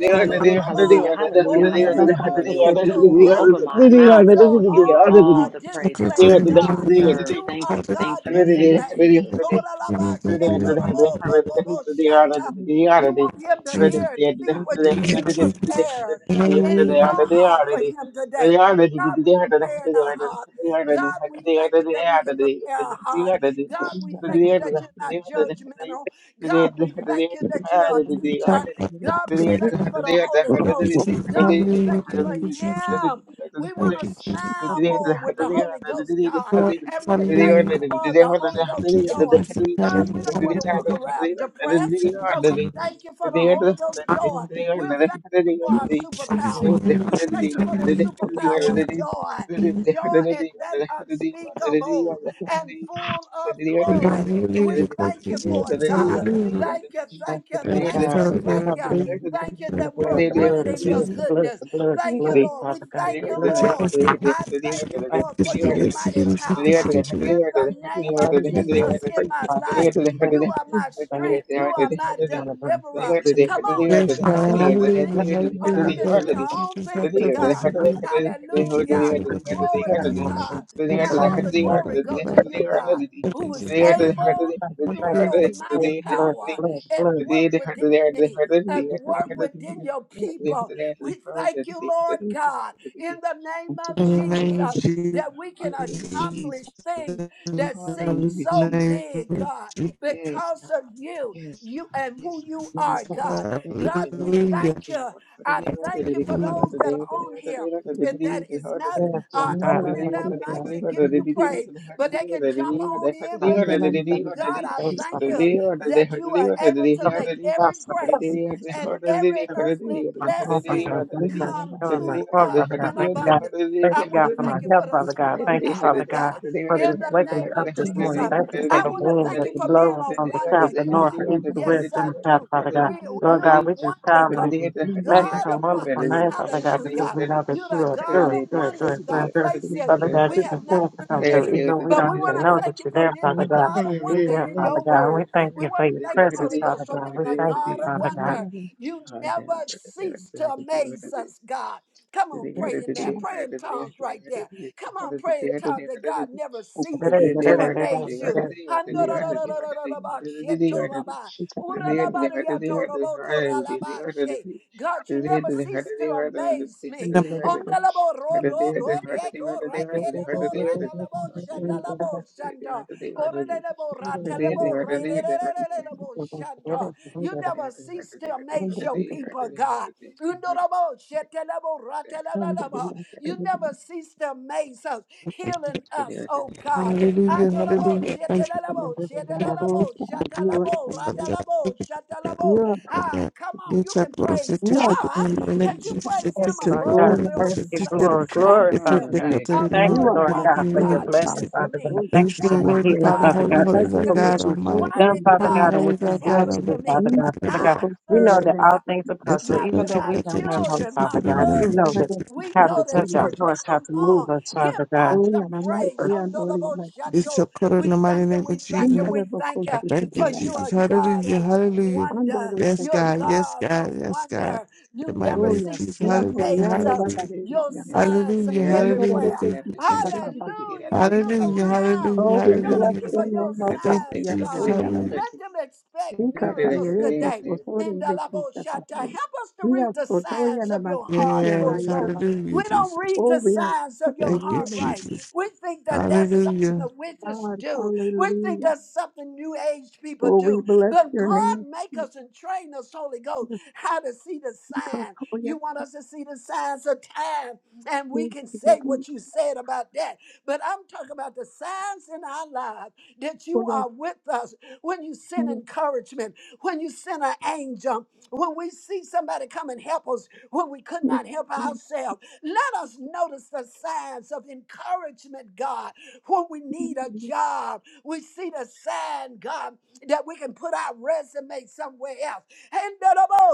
Hallelujah, hallelujah, വളരെ hallelujah, hallelujah, hallelujah. I will open my You mouth got വളരെ and I your will give you own all uh, the praise and display for honor that you God. deserve. You Thank are you, God thank you, thank you, display. Jesus. You ദൈവത്തിന്റെ our Lord, we you. want him to hear Jesus, and see what you get Jesus, prepared in hallelujah. your Thank heart for him today. God, we prepared our heart. God, we thank you that we can prepare our heart. God, we thank you that you're not judgmental. God, we thank you that you are a teacher. God, you, we thank you for the Holy Ghost. Jesus. God, we Hallelujah. thank you for Thank you, Jesus. Him. We want Thank to you, Jesus. smile more with the Holy Ghost, God. Lord, And we thank you Hallelujah. for the Holy Ghost Thank you, Jesus. joy. the Hallelujah. God, we Thank don't want to walk Hallelujah. around depressed. Jesus, So we hallelujah. thank you for the Holy Ghost joy. We're thankful for our Jesus, superpower. We thank you for the hallelujah. superpower of Jesus, joy. Joy and that unspeakable and full of hallelujah. glory. So we Hallelujah. Thank thank you, you for it, Jesus. God. Hallelujah. Thank you, Thank thank you, you, Lord Thank you, thank God, you, for Father. the thank God. you. Thank covering. Thank you And the that you, we're God. blood, the Thank blood, rooted you, the in your blood, Jesus. the blood, goodness. the blood, the Thank you, blood, Lord. We Father God, thank the you, Thank blood, you, the Lord. Jesus. Thank blood. you, I thank you, Thank Lord, Jesus. you. for Thank your you. Lord. mighty Hallelujah, power. you, Jesus. In the I name of thank you for Thank you, the Jesus, in free my Father Jesus. God. life, I thank you you are for my the new strength. You are sequence that my you're going to bring forth deliverer. to me. Come Father on, you Yes, can God. jump God. on with Hallelujah. of our faith, too. Because I me, never had the or you time Hallelujah. to can do Thank do the you, your fucking own Jesus. thing Thank thing that to you, God has God. Jesus. Thank done. you, Jesus. Thank The Hallelujah. you, Jesus. kind Thank of the you, Glory prayer, to Father God. God. Now But I all just the thank glory you. go to Thank you, you, God, Father who God. is Jesus. Thank you, Father able God. Thank through Thank you, your you Jesus. Hallelujah. for mighty the blood, power blood, and blood. work within me and work within your people. We thank you, Lord God, in the name of In the name Jesus. of Jesus. That we can Jesus. accomplish things In that seem the Hallelujah, so Jesus. name big, of God, Jesus. Yes, because God. of you, Yes, you God. and who Yes, you are, God. God. Thank God, you, we Lord. Thank Hallelujah. thank you. I thank you for those that are on here. If that is not Yes, uh, Lord opening their God. mics and giving you praise, but they can jump on in with me God, I Thanks, thank Father you that you are able to make every grace God and every service, earthly my health, Father blessing God. Thank you God, come for filling my to health, us Father God. in you, Thank you, God. abundance. Thank I you, want God, to Lord. for [laughs] my thank you health, for the Father God. Hallelujah. Thank you, Father superpower, God, God, for in just the waking me name up of Oh God, this morning. Jesus. Thank you for I the want to wind thank that you you for being blow a from the wonder, south, the north, God. the east, the west, Yes, I and the south, do. Father God. We, Lord you're a God, we just wonder, call on God. you. Matching God some of wonderful wonders. name, Father God, because Hallelujah. we know that You're you the are God through, of through, through, wonders, through, God. through. Places Father God, we you have not continue to even come through, seen. even we But we don't want even to know thank that you you're for there, being Father a God. God of wonder you there, in Father your God. We word. thank We you for want to your thank you, presence, Holy Ghost, Father for being God. We a thank you, God of Father God. wonder. You never cease to amaze us, God. Come on, pray in there. Pray in tongues right there. Come on, pray in tongues that God never Yes, cease Lord Hallelujah, to God. amaze you. God, you never cease to amaze me. Ondalabo rodo rodieko ratelebo radalebo shandalabo shanda. Orelebo ratelebo ratelebo shanda. You never cease to amaze your people, God. Undorabo shetelebo ratelelelebo. You never cease to amaze us, healing us, oh God. Hallelujah. Andorabo Hallelujah. Thank shetelelebo shetelelebo you are shatalabo so good. you. radalabo Jesus. you shatalabo. are pushing, Ah, come on, It's you a can process praise to you are shut it God. down, but it Can you speaking, is a praise him secret, but oh for above yeah, it your was Thank a you you, are secret. Lord. speaking, Glory, It is a circumstances? Father God. secret, every God. Thank you you, moment, Above, are Lord a why God, did every for your moment, God speaker, do it's blessing, Father, a- this to Father me? God. oh There Thank is you for no Why yeah. my did word, the healing, Father, God Father God. Holy, do Oh, Holy this Thank is you our to for what God me? you've Almighty. Why done, did Father Holy, God God, and Holy what let is you're our this going God happen to do, to Almighty. me? Father God. Father God, I we know serve that God all things are It's possible, a process my to even though shut my we it don't down, it's have a hope, children, secret, my Father every God. moment, You know husband. that it's a- We how to go to touch It's a our church. hearts, how Come to move on, us, give Father God God. some praise. Hondolobo it's a shando. prayer in We the mighty thank you. name of We thank you. Jesus. We thank I you thank you, for you Jesus. are God Hallelujah, of hallelujah. wonder. Yes, You're a God, yes, God of God, yes, God. wonder. You In my never name, cease Jesus, to hallelujah, amaze us. hallelujah. Glory. Your signs are Hallelujah, hallelujah, everywhere. thank you, Jesus. Hallelujah. Look Hallelujah, around. hallelujah, we Show the bless hallelujah. people your your name, I oh God. thank you, signs, Yes, Jesus. oh, God. Yarama. Hallelujah. Let them expect miracles Ikatayere, today. Postotori, Bekisa, Nindalaboshata. Katari. Help us to read Yes, the Potoya, signs of your Namasiki, heart, and Holy Yes, ayana Ghost. hallelujah, We don't Jesus. read Oh, the we are signs so of your Thank you, heart worthy, right. Jesus. We think that that's something the Hallelujah. witches God. do. We think Hallelujah. that's something new age people Oh, we do. bless But your God name. make us and train us, Holy Ghost, Jesus, how to see the because sign. all your You want us to see the signs of time, and we praise can to the say what you said about that. But I'm talking about the signs in our lives that you for us. are with us when you Yes, send encouragement when you sent an angel, when we see somebody come and help us, when we could yes, not help yes, ourselves. Let us notice the signs of encouragement, God, when we yes, need a yes, job. We see the sign, God, that we can put our resume somewhere else. And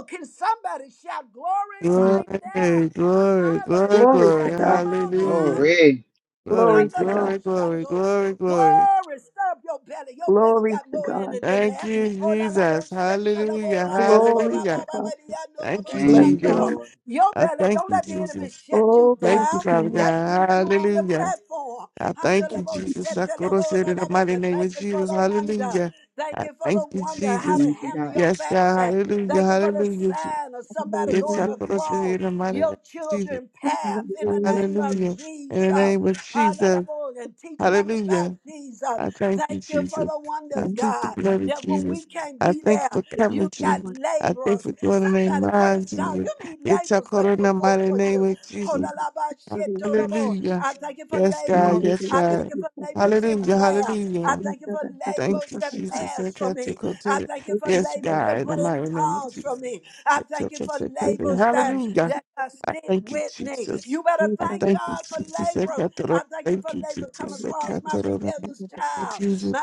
can somebody shout glory yes. right Glory, there? glory, glory, Glory to glory. Hallelujah. God. Come on now. Hallelujah. Glory, Glory to God. glory, glory, Andalaboshando. glory, glory. Glory, stir up your belly. Your belly Glory got to more in God. it than Thank that. you, Oh, la la bo Jesus. shek, la bo Hallelujah, ra, da la bo Glory ra, ba to hallelujah. ba ba God. di, ya, no, la Thank bo you, Bless Thank you, your Jesus. shando. name. Lord. Your I belly, thank don't you, let the enemy Jesus. shut you Oh, bless Thank you, down. your Father name. That's God. renew on the Hallelujah. platform. I Ando thank Bless la you, bo your Jesus. shek, I la bo said ra, in the la ba mighty name Thank of you for Jesus. the wonder. Hallelujah. Thank I you for the thank you, wonder how Jesus. to Thank you, handle God. your Yes, God. family. Hallelujah. Thank you for the Hallelujah. sign of somebody Yes, going I name. said across in the mighty name your of Jesus. children's Hallelujah. path in the Hallelujah. name of Hallelujah. In the Jesus. name of Jesus. Hallelujah. And teaching them about Hallelujah. Jesus. I thank you, Thank you for Jesus. the Thank I wonders, plead the God, blood of that when we Jesus. can't I be thank you there, for covering you you, got Jesus. Lord. I thank you laborers. for doing it in Somebody my praise mind, God. Jesus. You need It's a laborers to in go the forth mighty for name you. of Jesus. Hallelujah. Thank you. Hodalabashetolabo. Hallelujah. I thank you for Yes, Thank God. laborers. you. Yes, Thank I you. Thank thank God. you you. for Thank labors in Hallelujah. you. prayer. I Hallelujah. Thank you. Thank you. thank you for Thank you. Thank labors you, Thank that you. Thank Jesus. I fast you. for me. I thank you Thank for Yes, labors God. that In the pray in mighty name of tongues for Jesus. me. I Yes, thank you for labors that, Hallelujah. that uh, I stick thank you, with me. Jesus. You better I thank thank you, God for Jesus. I laborers I I thank you Thank for you, labor coming Jesus. I across can't my In rebellious the name of child, Jesus. my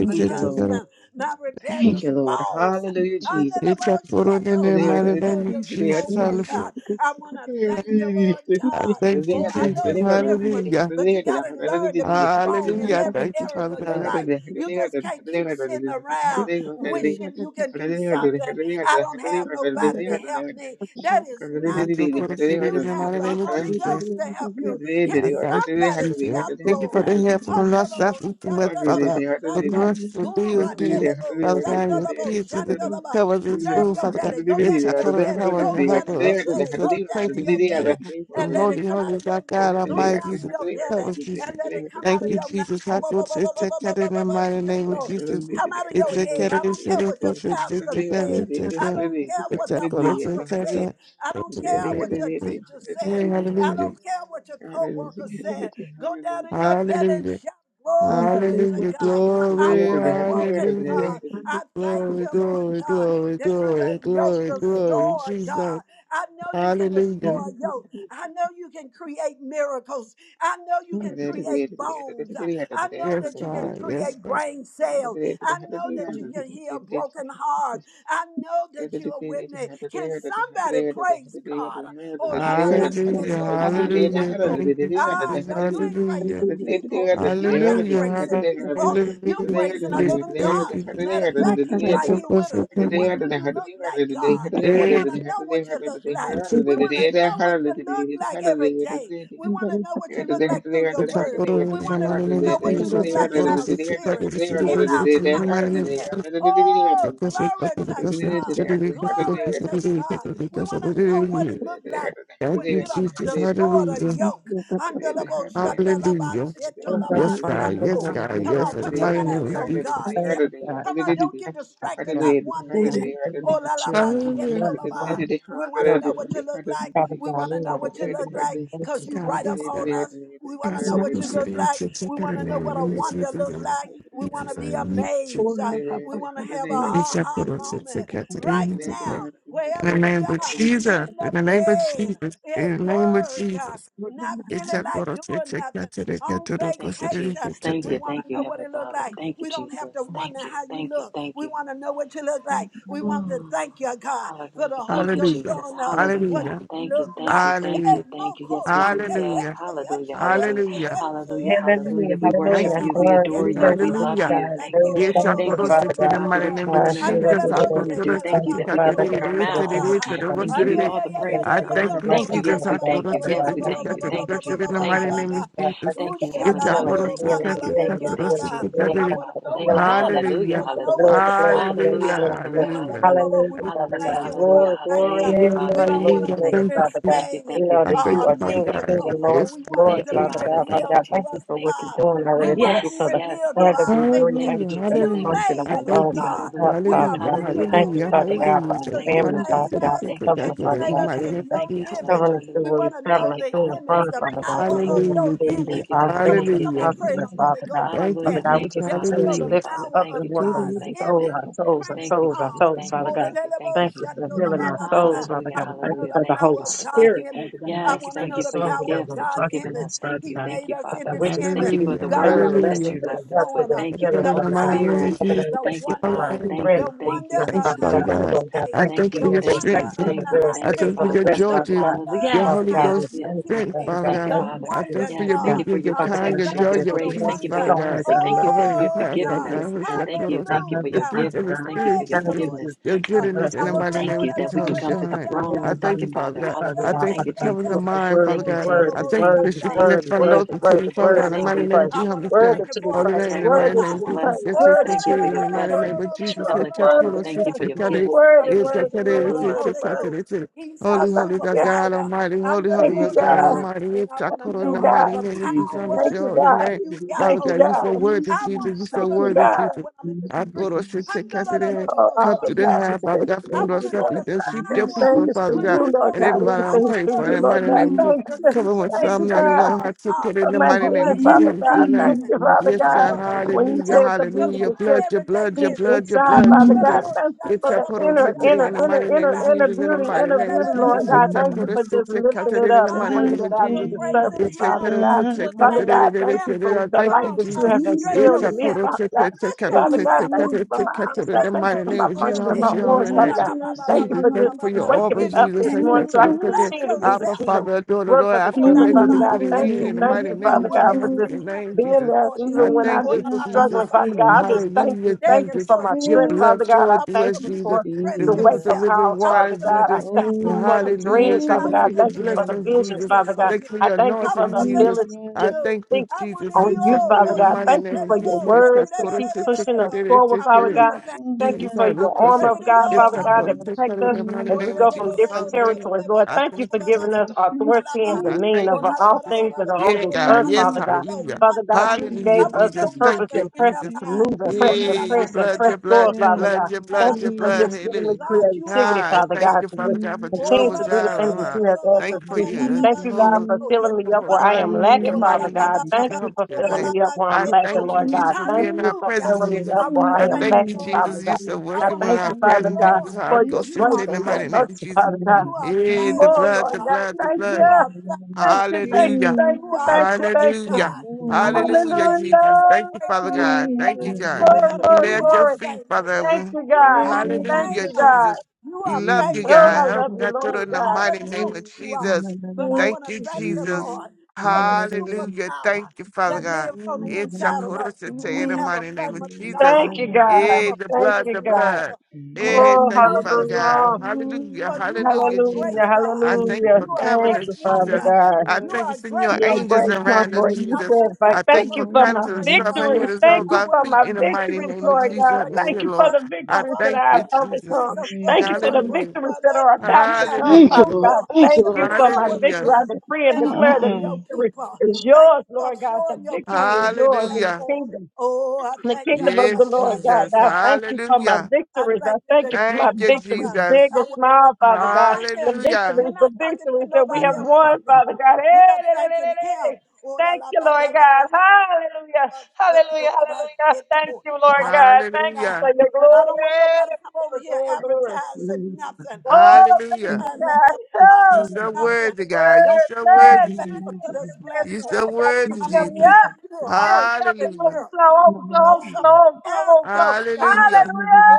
Yes, I you, take it Lord. husband, my Thank you, rebellious Lord. boss. Hallelujah, Jesus. Yes, Honorable in Shato, the my mighty name of rebellious Hallelujah. Jesus. Hallelujah. co-worker. I want to thank you, Lord I God. thank you, Oh, I know Jesus. it's different, Hallelujah. but you got to learn to be strong in Hallelujah. I every Thank you, area Father of your God. Hallelujah. life. You just can't keep sitting around wishing you can do something. I don't have nobody to help me. That is I not took true. quarter shit You in the have mighty the name of Holy Jesus. Ghost to help you. Can I thank you, somebody Jesus. shout Thank you for glory? the help from the Lord, Handalabo, South, East, and West, Father God. shandalabo, The shanda, grocery bills gura paid, telebo, Father God, and your shandalabo, kids in the shandalaba. cover of this Stir up room, your Father God. belly. Go It's down a in your color and belly. cover and Go down in helper your us. Jesus, belly. We shall Go pray down for in you, your Jesus. belly. The And let it Holy, come out Holy, of your God, God mouth. Go Almighty, down in Jesus. your belly Cover, and Jesus. let it come out Thank of you, your mouth. Jesus. I Oh, bo- go bo- to bo- bo- it, bo- take bo- bo- care bo- in the bo- bo- mighty name of shundo. Jesus. Thank Come out of It's your a head. care I of don't it's a care care what of your it's pastor a care of said. it's a I care of don't care it's what a the care of it's a apostle care of it's a care of said. I don't care you. what your it's teacher a said. I care of don't care what your co-worker Yes, um, said. hallelujah. Go down in your belly and Hallelujah. shout glory to Hallelujah. God. I Glory. want it broken, Hallelujah. God. I thank Glory, you, Lord glory, God, glory, that you glory, the yoke glory, glory. destroy, God. Jesus. I know you can Hallelujah. destroy yoke. I know you can create miracles. I know you can create bones. I know Yes, that you can God. Yes, create God. brain cells. I know that you can heal broken you. hearts. I know that you are with me. Can somebody praise God? Oh, Hallelujah. Hallelujah. Hallelujah. Oralabashetolabashando. Thank you, Ah, Jesus. no, you ain't Hallelujah. praising people. You're not Hallelujah. praising Yes, yes, yes, yes, yes, yes, people. You're yes, Hallelujah. praising yes. a yes. living Thank God. you, Matter of Jesus. My fact, God, He's I It's right a thank here you with for us. perfect my life. What time. do you look like, Yes, God? I thank We you. Eh, want to know what you look like. It's a Yes, We I want thank to you. know what you look like every day. We And there want to is know a what you look perfect- like through your it's a word. photo. We It's a want to man in the know and what you Jesus. there is look a a like in photo. It's our a photo. spirits, It's a photo. in It's a our consciousness. photo. Oh, Thank glory to Lord. God. Glory to God. We want to know what it perfect looked like when you, you done Jesus. destroyed a Hallelujah. in yoke. the back of the car. Andalabo shatalaba Hallelujah. Thank And you, there is shetolaba Yes, God. God. Yes, sato. God. Come Yes, on, in the put your mighty Thank you, name minds of on a Jesus. God here. God. Come I on, don't get thank you, Father God. distracted again, not one Father God, minute. holy we love Oh, the la la children. ba, We shit, Hallelujah. love la the ba. wife. We We want to love know what the you look like. Father We God. want We to know love what the you look like children. Thank because Yes, you. you God. God. right Yes, upon God. us. We want God, to know so man what you that I close thank. to look you. you. like. Check check We out want in to the know mighty what a name of wonder Jesus. In look the mighty name like. of We want to Jesus, be I need Oh, you. amazed. Uh, Lord, We Papa, want to you have a are my And check aha out us. Check moment check out God. today. right And Check out. now, In the wherever we name of are, in Jesus. the In the name of bed, Jesus. In at the name of work, God, Jesus. You are not my God. It's feeling a like photo check doing check nothing, out today. Get on to the close Thank you, to vacation. Jesus. Thank you. We you, want thank to you, know You what Heavenly it looked Father. like. Thank you, We don't have to Jesus. wonder Thank you, how you thank you, look. thank We you. want to know what you look like. are We want to Mm. thank you, God, for the Hallelujah. Holy Thank you, Ghost Hallelujah. Jesus. showing us my Hallelujah. what Hallelujah. you Thank God. you, look thank like. you, thank Eh, Hallelujah. you, thank you. Yes, moko we do. rate, even Yes. Hallelujah. eshe, Hallelujah, if eshe, hallelujah, eshe, Hallelujah. hallelujah, eshe, eshe. Hallelujah. hallelujah. We there Una is Thank worship a Hallelujah. la you, you. ba, question We Glory be adore Jesus. geto, you. la We to la the love ba, Hallelujah. you. God. Thank you. Glory, Yes, about I the Thank bo, bo, you, could Thank bo, you, bo, also Father see bo, God. the bo, God, bo, for mighty bo. what you're Uh, name of I doing in I our feel that lives, Jesus. what I you're want belief going to to could good. also do. see Thank Thank you the you, that we can Catholic, Father in open God. it our is, Thank you, it mouths is, it Father God. the and is, give it you is. all the praise, Thank all I you, the for thank the honor. you, Thank you. Jesus. Yes, blessings us, Father I we God, could thank also you. Father see Yes, God. we the Thank thank you for you. government Catholic, Thank you, comfort, it is, in Jesus. the Father Thank mighty you, God. name of Jesus. God, Jesus. thank you Thank for you, the Yes, and Heavenly I that is Father. healing, could what also the Thank see you, healing, the thank the you, Catholic, healing, thank you, the it thank you, healing, is, the the Jesus. Thank healing. you, Thank you for Father. the know Thank what you. healing, to Lord look God. like. I want Hallelujah, Thank Hallelujah. you to for the know hallelujah, what blood, to the blood, sound the blood, the hallelujah, like. Hallelujah. blood, the blood. We hallelujah, Hallelujah. hallelujah. Hallelujah, Thank want you, to Father Hallelujah, God. thank Jesus. you. We want hallelujah. to Glory, thank you. glory, Thank you, Hallelujah. Father. We don't want glory, Thank to you, Hallelujah. glory, make Jesus. Thank this Father you. God. Thank you, thing We thank you, know I that thank you, thank you uh, you, are Jesus. Father King of Thank you, God. Kings mystical, and Jesus. Lord, but Yes, we of want it Father Lords, Thank to they you, God. be Father would Father. Father God. God. Father Thank revealed you, God, to thank you Jesus. us, for Thank what you, you're God. Father. doing We already. think of want Thank to the you be for Yes, the yes, revealed to bread yes. that our we breathe. thinking. Thank Thank you, Hallelujah, you for Jesus. the You Thank you, hallelujah. function of made I Jesus. our us, thank Thank lungs you. you. and God. Jesus. our Hallelujah. heart, We are Father God. Hallelujah, Hallelujah, Thank miracle you, hallelujah, hallelujah. Father Thank anyway, you, God, for hallelujah. Father. our Thank because Thank you, you, you Father family, Father. God, made Father government for the that God, us for gift Thank of you, God, covering, and for Jesus. you the Father made Thank you, God. us mighty Thank Jesus. you name in for of your Thank you. Jesus. Hall- image. covering us through Hallelujah. We where want we're to know Thank traveling you, the through and Father. image, from, Thank the you, Father Jesus. God. power But we Thank really of you. want to your Hallelujah, give you image. Jesus. Thank you, all Jesus. Come on, things Thank are you. Hallelujah. somebody Thank you, pray in comfortable, the Jesus. Holy Father God. Ghost right Thank you, Father Hallelujah. there. God, Jesus. we Thank you, just That we Father. continue know to Thank the you, Hallelujah. lift you Father. power up Thank you, and of go work to on Jesus. the our God's Thank you. business soul, Thank image. you. our souls, Pray our in Thank you, souls, our tongues. Jesus. souls, Thank Father you, Oh, the God. thank you, little thank boy, you, Thank you shut Jesus. for healing ba, our ba, ba, souls, ba. Father Hallelujah, I God. Thank you want hallelujah. to know the for the Thank you, power Holy of Father. God's Thank Spirit, you. image. Father God. I Thank Yes, you want to for thank your know you the for soul your power that of gifts will that God's you've prosper given image. us. this, Father Thank He you, God. thank made you, us But in God, Father. we his just Thank thank image. you you for Hallelujah. the God, for I your want to word thank that blessings, Hallelujah. you you for for your left us help, for with. showing your us I Thank you for healing, call the the on the Holy Father mighty God. name power, Spirit. of Father God, the thank Thank you, you for my wonder Father. Jesus. Thank Rest the you, in the thank wonder you, Son, Thank of thank you, you, Father how Father God. Oh, God. Jesus. Lord I God, pay, I thank you Thank thank for you for the you, your your rest. thank wonder Thank you, strength. you of for Jesus. the thank how that you, I rest. I thank Thank you, you thank you think, for for the your Father. rest, the joy, Father Jesus. God. Hallelujah. wonder Your of Yes, Father Holy God, how yes, we Ghost you yes. thank keep you, strength, Father me, Yes, Father God. thank you, God. the Thank you, Father. I thank you Spirit, wonder, for Father Yes, your thank God. God. you for meekness, your your I Father want to kind, God, your thank I protection, joy, you your just your for the grace. love Thank peace, you you for Father your wonder. so much. God. mercy. I Thank love you Over that you. in I you this have Oh, house, really, forgiven Father God. us. really, God, who's God. the Thank you. cross, I Thank you love for the you, your Hallelujah. Father fruits of the forgiveness. God. Thank you for Spirit, Praise your you, Thank Jesus, you Lord for forgiveness. your the Jesus. goodness in I the blessing want of mighty you. Thank name you of that Jesus, we Holy can And come Spirit, to the honey. My head and I the throne. Thank thank you, you, bottom Father Father. of you, God. Father I Hallelujah. God, thank you Thank for you, Father God, covering Jesus. you the are the mind, Father word, Thank the you, God. word, I Jesus. the thank you Thank word, for you. the shifting Thank the word, the you. front word, loads Thank the you. to word, you, the Father word God, in the to Thank mighty be you name that of praised, Jesus, you Holy to Spirit. word thank you to be for our Holy name, praised, in the protect word to mighty us name and of superpower. be Jesus, bless Oh, praised, la, get us. word your la, Thank pussy la, to you la, for in your the be la, mighty la, praised, la, name blessings. of la, la, la, Jesus. la, Trust Heavenly Hit la, your la, worthy, Father, puddle, thank shit, la. you for shit, your cut No, it. gifts. I worthy, worthy, Thank want you, It's to a Jesus. thank cut you for it, worthy, the Hallelujah. it's worthy, a Holy cut worthy. it, Ghost. it's a He's I our Holy, holy, thank God, you. God superpower Almighty, holy, under the Thank holy, you, God, most God God. high. Almighty, And it's I a want to cut Thank in you, know the all God. mighty the name of Jesus, I'm Thank your powers you, holy that God. name. you got, Thank Father you, God, Holy you said Ghost. God. word to Yes, I Jesus, I'm want to you said know Thank Listen the you, word to God. power Jesus. when I'm in the to I go street. to shit, Jesus. shit, Under cut it in. Oh, Come all the to the power high, is Father blessed God, to from the I Lord, want you, to know Lord something the to sweep God. your power Everything people, Listen is Father through when God, I you, to Lord go and God. somewhere. everybody I I'm Everything want is to praying through know for, in you, the the him Lord mighty God. name secret, of in Jesus. Thank the you. Cover his secret with Thank things Psalm you, of mind. God. 91, I God's took heart it in of the my mighty for name healing, my of Jesus, Father I'm everyday your God. name. Thank living, you, Father Yes, not God, for God. other When you hallelujah, people, said the but beauty for hallelujah. is my Blood, just your everyday blood, your deep living. blood, your I inside, blood, want Father to know God, about Jesus. thank you It's Shanda, for a the coro about in inner, Shanda, inner, the inner, about mighty inner, name of Shanda. inner Jesus, in the beauty, mighty inner name of beauty, To Lord Jesus. God. It's a Urrakalalalalalalalala. Thank you coro in for just You're lifting talking it to the up and God. mighty bringing the name it of out to Jesus. You're the praising surface, It's a Him. Father coro God. Savior, You're Father thanking God, Lord thank Him. you for the Thank Come light you, on, that you Jesus. uh, have Jesus, stretch It's instilled a in me, yourself. coro Father in God. Stretch Father God, yourself. thank you Open Jesus, for my your mouth. eyesight. the Stretch Thank you mighty for name my yourself of a Jesus. little function of bit. my Holy, how organs, holy name. I Father Ola God. la ba ba trust ba Thank you ba Jesus, for ba thank ba just you you. for ba ba. your waking me armor, If up you Jesus. How this can Thank you morning so for I the can picture. spread continue to do I the Abba, yourself, kingdom Father, daughter, work Lord, for the after kingdom, Ola make la the Father mega ba God. beginning Thank end, you, sheto. in the thank you, mighty you, name your Father of God, Jesus, for words I'm to just Lord. your him name, is being Jesus. there important. I even when I thank Ola you, just was la ba Jesus. struggling, ba Jesus, ba Father God. I kola la Jesus. just ba. thank you, Hallelujah, thank They're you Jesus. for my important to Your you, strength, God. Father blood God. I flowing I through want thank us, your you Precious people Jesus. to for The the stretch wake rivers Jesus, of up themselves. living calls, I want water, Father them to God. I lay Jesus. thank their you for hearts oh, on. the Hallelujah. dreams, Father Thank I you oh, God. for want them your your Thank to you lay for their grace the blessings, visions, Jesus. Father consciousness on God. Thank you you. for I your thank you I for want anointing, the them to is Jesus. ability I to out thank I just you. thank you, think I want Jesus. it on It's you, your of all. prayer Father in bo the God. my mighty Thank you shete name for of la your Jesus. bo, It's re- your words la- la- that prayer. la- keep It's your la- la- pushing us la- la. prayer. It's forward, your I Father want prayer. them time to God. thank you. Thank you Jesus, for to I your want you armor hallelujah. to of do God, Father I Except God, want to thank that those you. six protect us hundred in the mighty I as we name of go from was trust. Jesus. different Hallelujah. territories. Lord, I thank you thank for you, giving Jesus. us Precious authority and I dominion thank over you, Jesus, all Jesus. things that are on Yeah, this save God. earth, Yes, Father me, God. so hallelujah. Father God, wonder. you save Hallelujah, I gave was us the so Jesus. purpose Thank wonder you, and in their pressure Jesus. to lives. me, move and Yeah, and i Oh, press la, and la, your ba. press and blood, press your Help me, know Holy forward, blood, your Father Ghost. they God. blood, your will La, be la, Thank blood, your you la, for okay. blood. just giving me Hallelujah. with God, you are creativity, God, the Father thank one. God, you, to Father just God, for you, Oh, la, continue Jehovah to la, do la, the la, Jireh. things that with la, huh? you la, have la, la, ba, asked ba, us Thank you to ba, for do. ba, ba, your ba, me Thank ba, you, God, shit. Jehovah for till Oh, yes, filling me to up you where are. I provide am for us in lacking, the Oh, the la, la, Father mighty ba, name God. ba, of end. ba, Jesus. Thank ba, you Help for your oh, la, filling name. la, me up ba, where I I'm shit. lacking, Oh, thank you, Lord God. Jesus, Jesus, for Thank being you our for Hallelujah. presence, filling me Jesus. up I where want to Jesus, I I am thank thank you, you, lacking, Father Lord. Jesus. You God. said I Now, working want with to thank our you, thank how Father presence, you, God Jesus. Lord. I I for go your You sit grace are in trust the and for your mighty famous. name of mercy, Jesus. Father God. You are Yeah, the power Oh, famous, blood, Lord the God. God, blood, the thank You blood. you. are Thank famous. you, you thank you, Hallelujah. thank You you, are thank you, are great, thank you. Hallelujah. God. I want to Lord. Hallelujah, praise you for Jesus. Hallelujah. your Thank you, great Father God. wonders Thank you, God, God. Jesus, Glory, because We glory, lay you at your are Jesus, glory. feet, famous. Thank Father. you, You God. are Thank Hallelujah, you, precious famous. God. Jesus. You We are love you, famous, Oh, God. Jesus, I God. Help love you, God through Lord You in the God. mighty already name know oh, of who you Thank are, Jesus. but I you. Thank want to you, thank the glory Jesus. Lord for the Hallelujah. Thank superpower you, Father that and God. lives on all the It's a inside of us. korosete in We the have a mighty name of famous glory Jesus. God. Thank you, We God. have Eh, a the Thank famous blood, you, the love. God. blood. and We have Eh, a Oh, thank all you, Father famous God. God. hallelujah. Hallelujah. For you are Hallelujah, glory great, Jesus. Hallelujah, God. I thank you hallelujah. for You are a covering Thank us, great you, to Father wonder. Jesus. God. I You Yeshua, thank you, are a send great your You're a wonder, angels great God. around Him, us, conqueror. You I Jesus. want to said, like, I thank you thank you thank for for you being for a kindness my Lord. of the great supper, head victories. wonder. as Thank hold I you our want for to feet my thank in the the Holy mighty victories, Ghost name for of Lord being Thank a God. you, Jesus, great Thank Monsieur you Lord. for Lord. wonder. the I I victories want that to thank I you, have thank you, Jesus. overcome. Jesus, for Thank Thank you, being you for a the Lord. great Hallelujah. victories that wonder. are about You to have come, Thank you, shown Father Hallelujah. Lord. your God. Thank you, Thank awesome you Lord. for my power to victory. Hallelujah. I us decree and and declare among the your Mm-mm-mm. victory people. is Thank you yours, for Lord God. The showing your victory power is on this yours in Hallelujah. the platform. kingdom Oh, I in the thank you. kingdom I of the Yes, thank you. I Lord, God. thank Jesus. you. God, I thank you for my Hallelujah. I victories. I thank you thank that you for you my are Thank you, one. victories, God. big Jesus. I and want to thank. small, Come Father on, God. thank The him. Hallelujah. You're victories, the not talking to victories that we nobody have else right won, now. Father God. We Hey, are hey, hey, hey, thanking hey. him. hey. Oh, la, Thank la, you, ba, da, Lord la, bo, God. la, Hallelujah. ba, yo, to, Hallelujah. la, ba, Hallelujah. it, Thank to. you, Lord Ah, la, God. ba, Thank you da. for Hallelujah. your And I don't want glory. nobody to come over Glory, here glory, glory. advertising nothing. This Oh, thank Hallelujah. you, time to God. advertise You Oh, the so name nothing. of the worthy, God. You Don't word, so be blood, worthy, Jesus. disrespectful to the this You are blessings of so the platform. God. You worthy, I'm fill gonna me keep Jesus. up. it pure. I'm Fill gonna me up keep it and Hallelujah. pure overflow, go overflow, somewhere overflow, overflow, else and overflow. make your Hallelujah. money. Hallelujah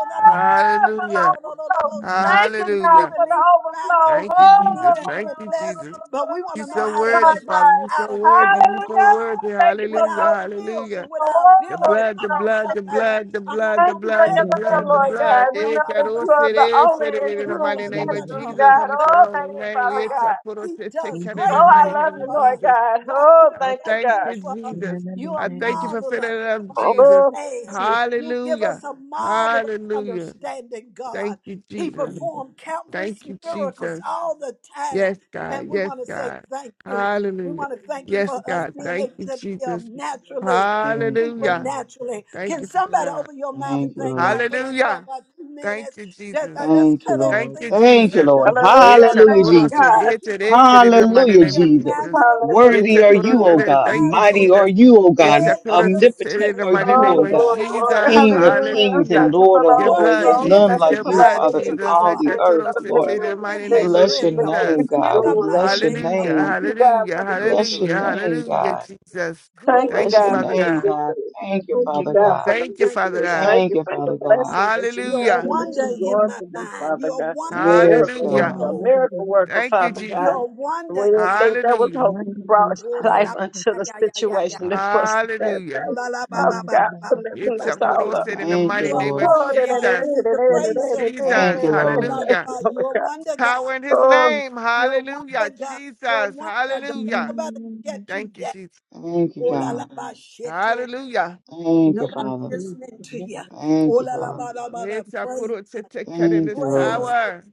for the Hallelujah. overflow. Oh, Thank you, we God, Hallelujah. for the believe in overflow. finances. Thank We you, believe Oh, Jesus. in Thank being you, blessed, Jesus. but we want You to know so thank how to worthy, make God, money Father. God. You so out of worthy. with You so Hallelujah. God, worthy. Thank you with for the Hallelujah. our overflow. skills Hallelujah. and with our The Oh, ability. blood, the Come God, on, blood, thank the you. somebody. blood, the I'm not blood, the Thank gonna you for blood, play your the with this love, blood, the Lord thing. God. blood. We Oh, Eh, la, know la, that caro, la, you are the shit, sere, oh, la, only sere, la, and la, In the la, la, true mighty name of shit, messengers, oh. Jesus, God. I'm Thank Oh, your the holy thank you, Lord name. Father It's God. a God. photo, He take does care in Oh, great the I mighty things love name you, of for Lord us. Jesus. God. God, you Oh, do I thank you, great thank God. you, things for us. Jesus. You are I thank you for filling marvelous it to up, Jesus. Oh, understand. you. You give Hallelujah. us a marvelous Hallelujah. understanding, God. Thank you, He Jesus. performed countless Thank you, miracles Jesus. all the time. Yes, God. And we Yes, want to say God. thank you. We Hallelujah. want to thank you for Yes, us God. being Thank able you, to live Jesus. naturally, Thanks, Hallelujah. God. supernaturally. Thank Can you, Father somebody God. open your mouth and Thank you, thank Lord. God for that for Hallelujah. about two Thank minutes? you, Just, Jesus. uh, let's Thank you, cut Thank Lord. you, everything else and Thank you, Jesus. let's Lord. just say, Hallelujah. It's It's a Hallelujah, Thank Lord, you, I Jesus. corrosion. God. thank It's you a for yetserese, In the mighty helping Hallelujah, me name to of live Jesus. Jesus. naturally, It's a Worthy are Hallelujah. you, O Yetsakuroshi, God. Thank you, Mighty supernaturally, are Jesus. you, O It's God. a led by the Yetsakuroshi, Omnipotent In the Spirit, are mighty you, Oh, name O of God. glory, empowered glory. by His Jesus. King of Oh, grace, Hallelujah. kings and Thank Hallelujah. you for Lord the of Your flowing lords. blood, There's in overflow. His none Thank Jesus. like you Your for you, my divine blood, Father, in victory. Jesus. all power. the Thank you earth, for the O Yetsakuroshi, In Lord. victory, the Moving the in mighty We name his of victory, bless the your rhythm. victory. Jesus. name, It's In God. We the yours. mighty bless your name of Hallelujah. Thank name. you, Jesus. God, Hallelujah. for We the bless victory. your Hallelujah. name, Hallelujah, God. Jesus. We Thank you, Glory Thank you, bless your to God, Father for name, God. your God. God. victory. Thank you, Thank you, Father God, for God. the Thank you, Thank Father you, victory. Jesus. God. Thank Thank you you, for the Father God. blessings that you've Your done Hallelujah. and that wonder you're in going my for them, mind. Father Your God. wonder in Yes, Miracle Hallelujah. my God. worker, soul. miracle worker, Thank you, Father Jesus. God. Your We wonder, didn't God. think that was Hallelujah. hope. You brought Oh, [laughs] la, la, life into yeah, the yeah, yeah, yeah, yeah. situation that was there. Hallelujah. Oh, Thanks, La, la, ba, Father ba, ba, ba, God, ba, for lifting It's ba. a us ba. all Koro up. said in the Thank you, You mighty are name of Lord. Oh, wonder, da, da, God. da, You Jesus. da, need da, to da, praise da, da, da, him. da, da. Thank Jesus. da- you, La, Lord. la, da. Thank Hallelujah. you, la. Lord You're God. wonder, God. Power in his Oh, name. You're Hallelujah. wonder, God. You're Jesus. wonder. Don't let Hallelujah. nobody get you Thank you, down. Jesus. Thank you, Oh, la, la, God. ba, shit, oh, Hallelujah. Thank you, Nobody Father. listening to you. Oh Thank you, la la Father. ba la ba da. It's a Praise, cut in Thank you, this Lord. praise, power.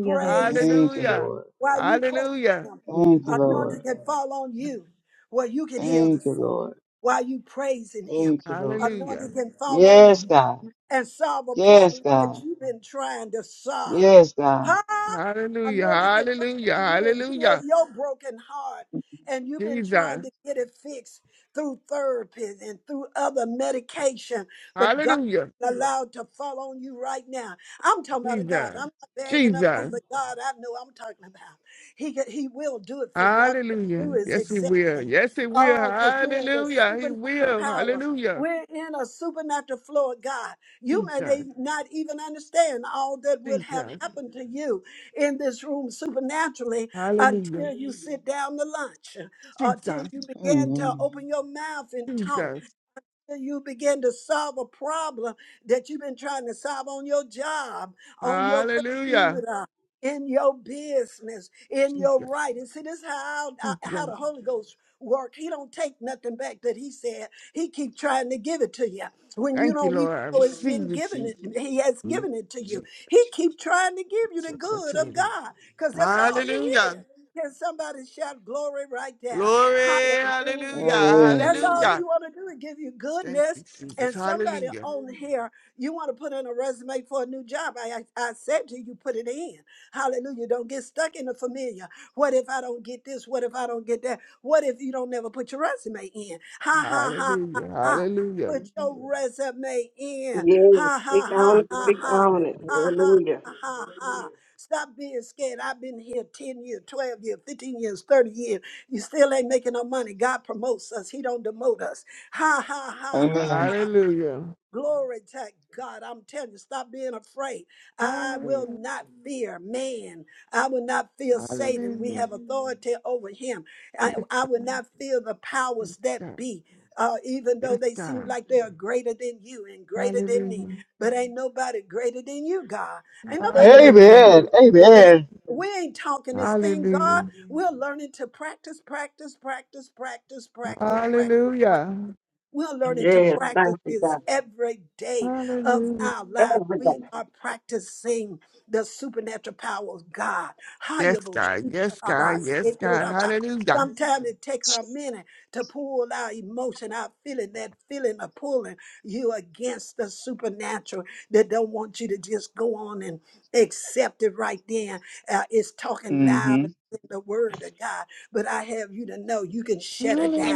praise. Thank you, Hallelujah. Lord. While you praise Hallelujah. Him, Thank you, anointing Lord. can fall on you, where you can heal the Thank you, sick. Lord. While you praising Him, Thank you, Lord. Hallelujah. anointing can fall on you, Yes, God. and solve a Yes, problem that God. you've been trying to solve. Yes, God. Huh? Hallelujah. Anointed can love Hallelujah. on you and heal Hallelujah. your broken heart. And you've been trying Jesus. to get it fixed through therapy and through other medication, but God Hallelujah. is allowed to fall on you right now. I'm talking about a God. Jesus. I'm not backing up Jesus. on the God I know I'm talking about. He, can- he will do it for you. All you Hallelujah. gotta do is Yes, he accept. will. Yes, he will. Oh, because we're in the Hallelujah. He supernatural will. power. Hallelujah. We're in a supernatural flow of God. You may Jesus. na- not even understand all that would have Jesus. happened to you in this room supernaturally Hallelujah. until you sit down to lunch, until Jesus. you began to Amen. open your mouth and talk Jesus. you begin to solve a problem that you've been trying to solve on your job, on your Hallelujah. computer, in your business, in your Jesus. writing. See, this is how uh, how Jesus. the Holy Ghost work. He don't take nothing back that he said. He keep trying to give it to you when you Thank you, don't even Lord. I know it's been receive it, given. Jesus. It, he has given it to you. Jesus. He keep trying to give you the your good of continuity. God because that's all he is. Hallelujah. Can somebody shout glory right there? Glory. Hallelujah. Hallelujah. Amen. That's all Hallelujah. you want to do is give you Thank you, goodness. Jesus. And somebody Hallelujah. on here, you want to put in a resume for a new job. I, I, I said to you, put it in. Hallelujah. Don't get stuck in the familiar. What if I don't get this? What if I don't get that? What if you don't never put your resume in? Ha, ha, ha, ha, Hallelujah. ha. Hallelujah. Put your resume in. yeah, Ha, speak ha, on ha, it, ha, speak ha. on it. Ha, ha, Hallelujah. ha, ha, ha. Stop being scared. I've been here 10 years, 12 years, 15 years, 30 years. You still ain't making no money. God promotes us. He don't demote us. Ha ha ha Amen. Hallelujah. Glory to God. I'm telling you, stop being afraid. I will Hallelujah. not fear man. I will not fear Satan. We Hallelujah. have authority over him. I, Yes, I will not fear the powers that God. be, uh, even though Yes, they seem God. like they are greater than you and greater than me. Hallelujah. But ain't nobody greater than you, God. Ain't nobody greater than Hallelujah. Amen. you, Holy Ghost. Amen. We ain't talking this thing, God. Hallelujah. We're learning to practice, practice, practice, practice, practice, practice, practice, Hallelujah. we're learning to Yes, practice thank you, this God. every day of Hallelujah. our lives. Every day. We are practicing the supernatural power of God. Yes, God. Yes, God. Yes, God. Hayaboshitarabashitarabah. Hallelujah. Sometimes it takes a minute to pull our emotion, our feeling, that feeling of pulling you against the supernatural that don't want you to just go on and accept it right then. Uh, it's talking loud Mm-hmm. in the word of God, but I have you to know you can shut it down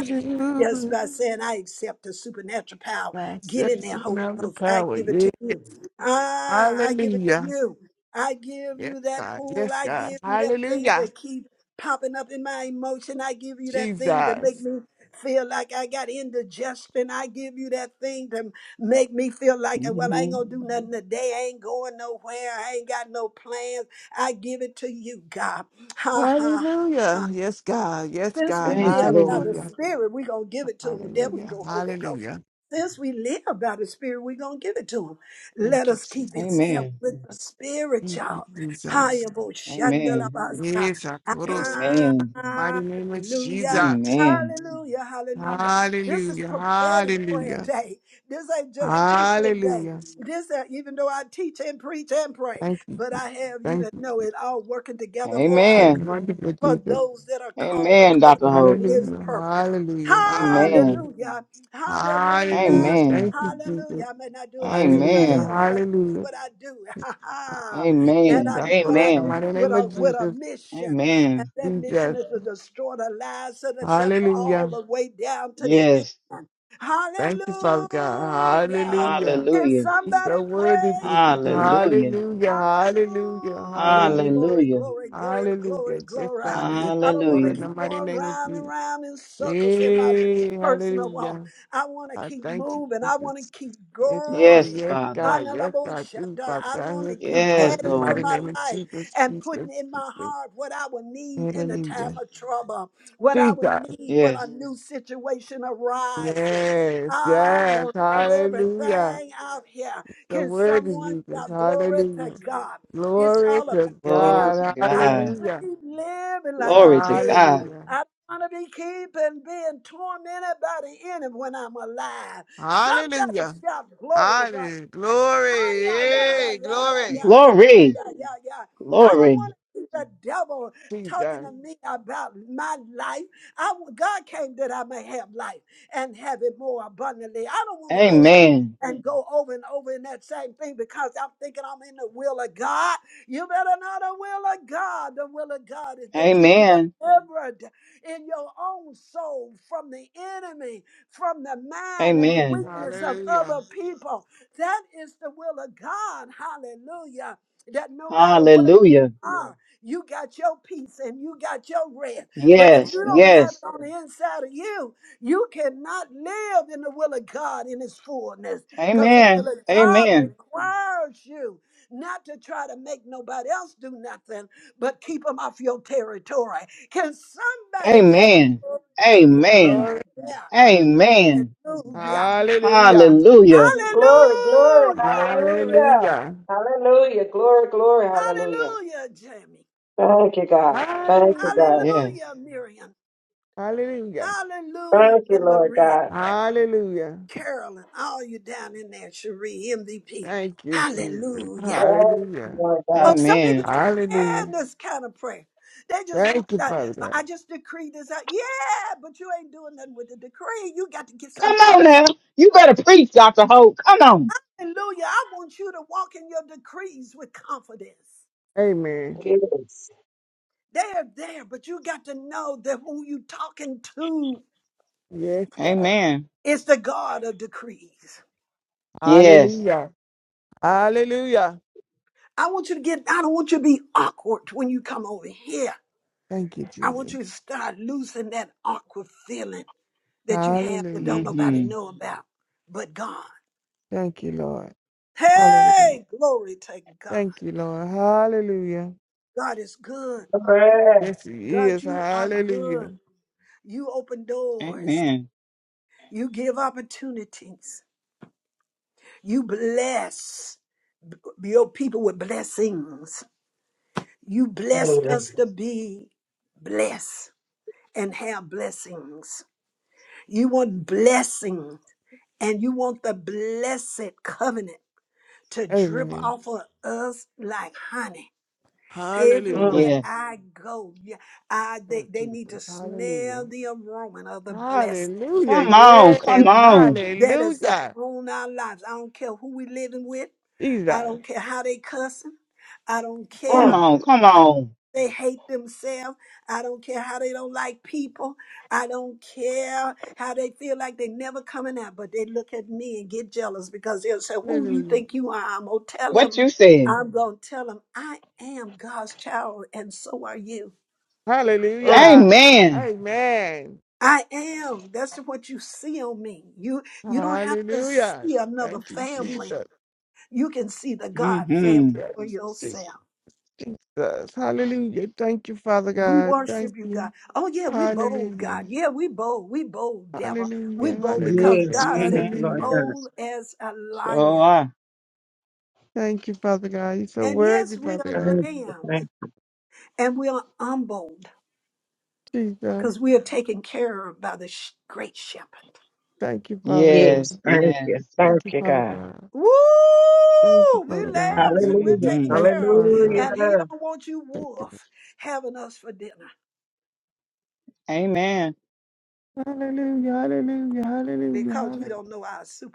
just by saying, I accept the supernatural power. God, Get set in us there, on Holy out the Ghost. I power. give it Yeah. to you. Ah, I give it to Hallelujah. you. I give Yes, you that God. pool. Yes, I God. give you that thing Hallelujah. that keep popping up in my emotion. I give you that thing to make Jesus. me feel like I got indigestion. I give you that thing to make me feel like, well, I Mm-hmm. ain't gonna do nothing today. I ain't going nowhere. I ain't got no plans. I give it to you, God. Ha ha. ha. Hallelujah. Yes, God. Yes, Since we God. Thank you, live by Lord. the Hallelujah. Spirit, we're going to give it to him. And then we Hallelujah. go, Holy Ghost. Hallelujah. Since we live by the Spirit, we're going to give it to him. Let Thank you, us keep in Jesus. step Amen. with the Spirit, Thank you, y'all. Jesus. Hayabo Amen. shandalabasa. Yes, I glorify the Amen. mighty name of Hallelujah. Jesus. Amen. Hallelujah. Hallelujah. This is Hallelujah. prophetic prayer Hallelujah. day. This ain't just teaching day. Hallelujah. This, ain't- even though I teach and preach and pray, Thank you. but I have you Thank to you know it all working together for so our good Amen. much for for Jesus. those that are called Amen, Dr. according to Hope. his Hallelujah. purpose. Hallelujah. Amen. Hallelujah. Hallelujah. Hallelujah. Hallelujah. Amen. Thank you, Jesus. Hallelujah. I may not do it like Hallelujah. everybody Amen. else, but Hallelujah. what I do, [laughs] and Yes, Amen. I I do what I glorify the Amen. do mighty with name of a with a Jesus. mission, and Amen. that mission Jesus. is to destroy the lies of the devil all Hallelujah. the way down to the Yes. end. Thank you, Hallelujah! Father God. Hallelujah. Can Hallelujah. He's somebody so worthy, praise you? Jesus. Hallelujah. Hallelujah, hallelujah, Hallelujah. hallelujah, Glory, Hallelujah. glory, glory, hallelujah. glory, Yes, glory. God, yes, I I don't put want to Hallelujah. in the keep mighty going name of round and Jesus. round in circles in my Hey, personal walk. hallelujah. I want to I keep thank you, moving. I want Jesus. to keep Yes, I go. Yes, going. Yes, Father. God. Yes, I Analabosha. do, Father I God. want Yes, to I keep call Yes, it in the adding to mighty Lord. my name of life Jesus, and Jesus, putting in my Jesus. heart what I will need in the Hallelujah. time of trouble, what I will Jesus. need when Yes. a new situation arises. Yes, I yes. want to put Hallelujah. everything out here. The Can word is someone Jesus. shout glory to Hallelujah. God? It's Glory all about to Glory Him. to God. I don't God. want to Hallelujah. keep living like Glory I'm to dead. God. Hallelujah. I don't want to be keeping being tormented by the enemy when I'm alive. Somebody Hallelujah. shout glory right Hallelujah. Hi, Glory. yeah, yeah, yeah, Yay. yeah, yeah, Glory. yeah, yeah, yeah, Glory. yeah, yeah, yeah. I don't Glory. want to see the devil talking Jesus. to me about my life. I God came that I may have life and have it more abundantly. I don't want to go in Amen. and go over and over in that same thing because I'm thinking I'm in the will of God. You better know the will of God. The will of God is that you be Amen. delivered in your own soul from the enemy, from the mind and the Amen. weakness of Hallelujah. other people. That is the will of God. Hallelujah. That no matter where you Hallelujah. Yes, are, you got your peace and you got your rest. But if you Yes. yes, don't have Yes. it on yes. the inside of you, you cannot live in the will of God in its fullness. Because the will Amen. of God Amen. requires you not to try to make nobody else do nothing, but keep them off your territory. Can somebody shout Amen. glory to God right Amen. Glory. there? Amen. Hallelujah. Hallelujah. Hallelujah. Glory, glory, Hallelujah, Miriam. hallelujah. Hallelujah. Hallelujah, glory, glory, hallelujah. Hallelujah, Jamie. Thank you, God. Thank you, Hallelujah. God. Yes. Hallelujah, Miriam. Hallelujah. Thank you, Hallelujah, Lord Maria, God. Hallelujah. Carolyn, all you down in there, Cherie, MVP. Thank you, Jesus. Hallelujah. Thank you, Hallelujah. Lord Oh, God. some people Amen. can't Hallelujah. stand this kind of prayer. They just want Thank you, that. Father. "Uh, God. I just decree this out. Yeah, but you ain't doing nothing with the decree. You got to get some Come out. on now. You better preach, Dr. Hope. Come on. Hallelujah. I want you to walk in your decrees with confidence. Amen. Yes. They're there, but you got to know that who you talking to Yes, God. Amen. is the God of decrees. Yes. Hallelujah. Hallelujah. I want you to get, I don't want you to be awkward when you come over here. Thank you, I Jesus. want you to start losing that awkward feeling that you have that don't Hallelujah. nobody hmm know about but God. Thank you, Lord. Hallelujah. Hey, glory to God. Thank you, Lord. Hallelujah. God is good. Glory. Yes, He God, is. you are good. Hallelujah. You open doors. Amen. You give opportunities. You bless your people with blessings. You blessed Glory. us to be blessed and have blessings. You want blessing and you want the blessed covenant to drip Amen. off of us like honey. Hallelujah. Mm, Everywhere Yes. I go, yeah, I they, Lord they Jesus. need to Hallelujah. smell the aroma of the blessing Hallelujah. Come on. Yes. Come on. that is Hallelujah. upon our lives. I don't care who we living with. I Jesus. don't care how they cussing. I don't care Come mm, on. Come on. they hate themselves. I don't care how they don't like people. I don't care how they feel like they never coming out, but they look at me and get jealous because they'll say, "Who you Hallelujah. think you are?" I'm gonna tell What them. you said. I'm gonna tell them I am God's child, and so are you. mm. Hallelujah. Amen. Amen. I am. That's what you see on me. You you don't have to Hallelujah. see another Thank you, family. Jesus. You can see the God family hmm for Jesus. Je- yourself. Jesus. Hallelujah. Thank you, Father We God. Thank worship you, you. God. Oh, yeah, we bold, Hallelujah. God. Yeah, we bold. We bold, devil. We Hallelujah. bold because Yes, Hallelujah. God hmm yes, said, be Lord Hallelujah. God. bold as a Sure lion. are. Thank you, Father God. You're so And worthy, yes, we Father Thank are God. you, thank lambs you. and we are humbled Jesus. because we are taken care of by the sh- great shepherd. Thank you, Father Yes, God. Yes, thank yes. you, thank Thank you, you, Father God. God. Woo! Thank you, We Father God. lambs and we're Hallelujah, taken hmm Thank you, care of. Father And God. he hallelujah. don't want you Thank you. wolf having us for dinner Amen. Hallelujah, hallelujah, hallelujah, because we hallelujah. don't know our superpower.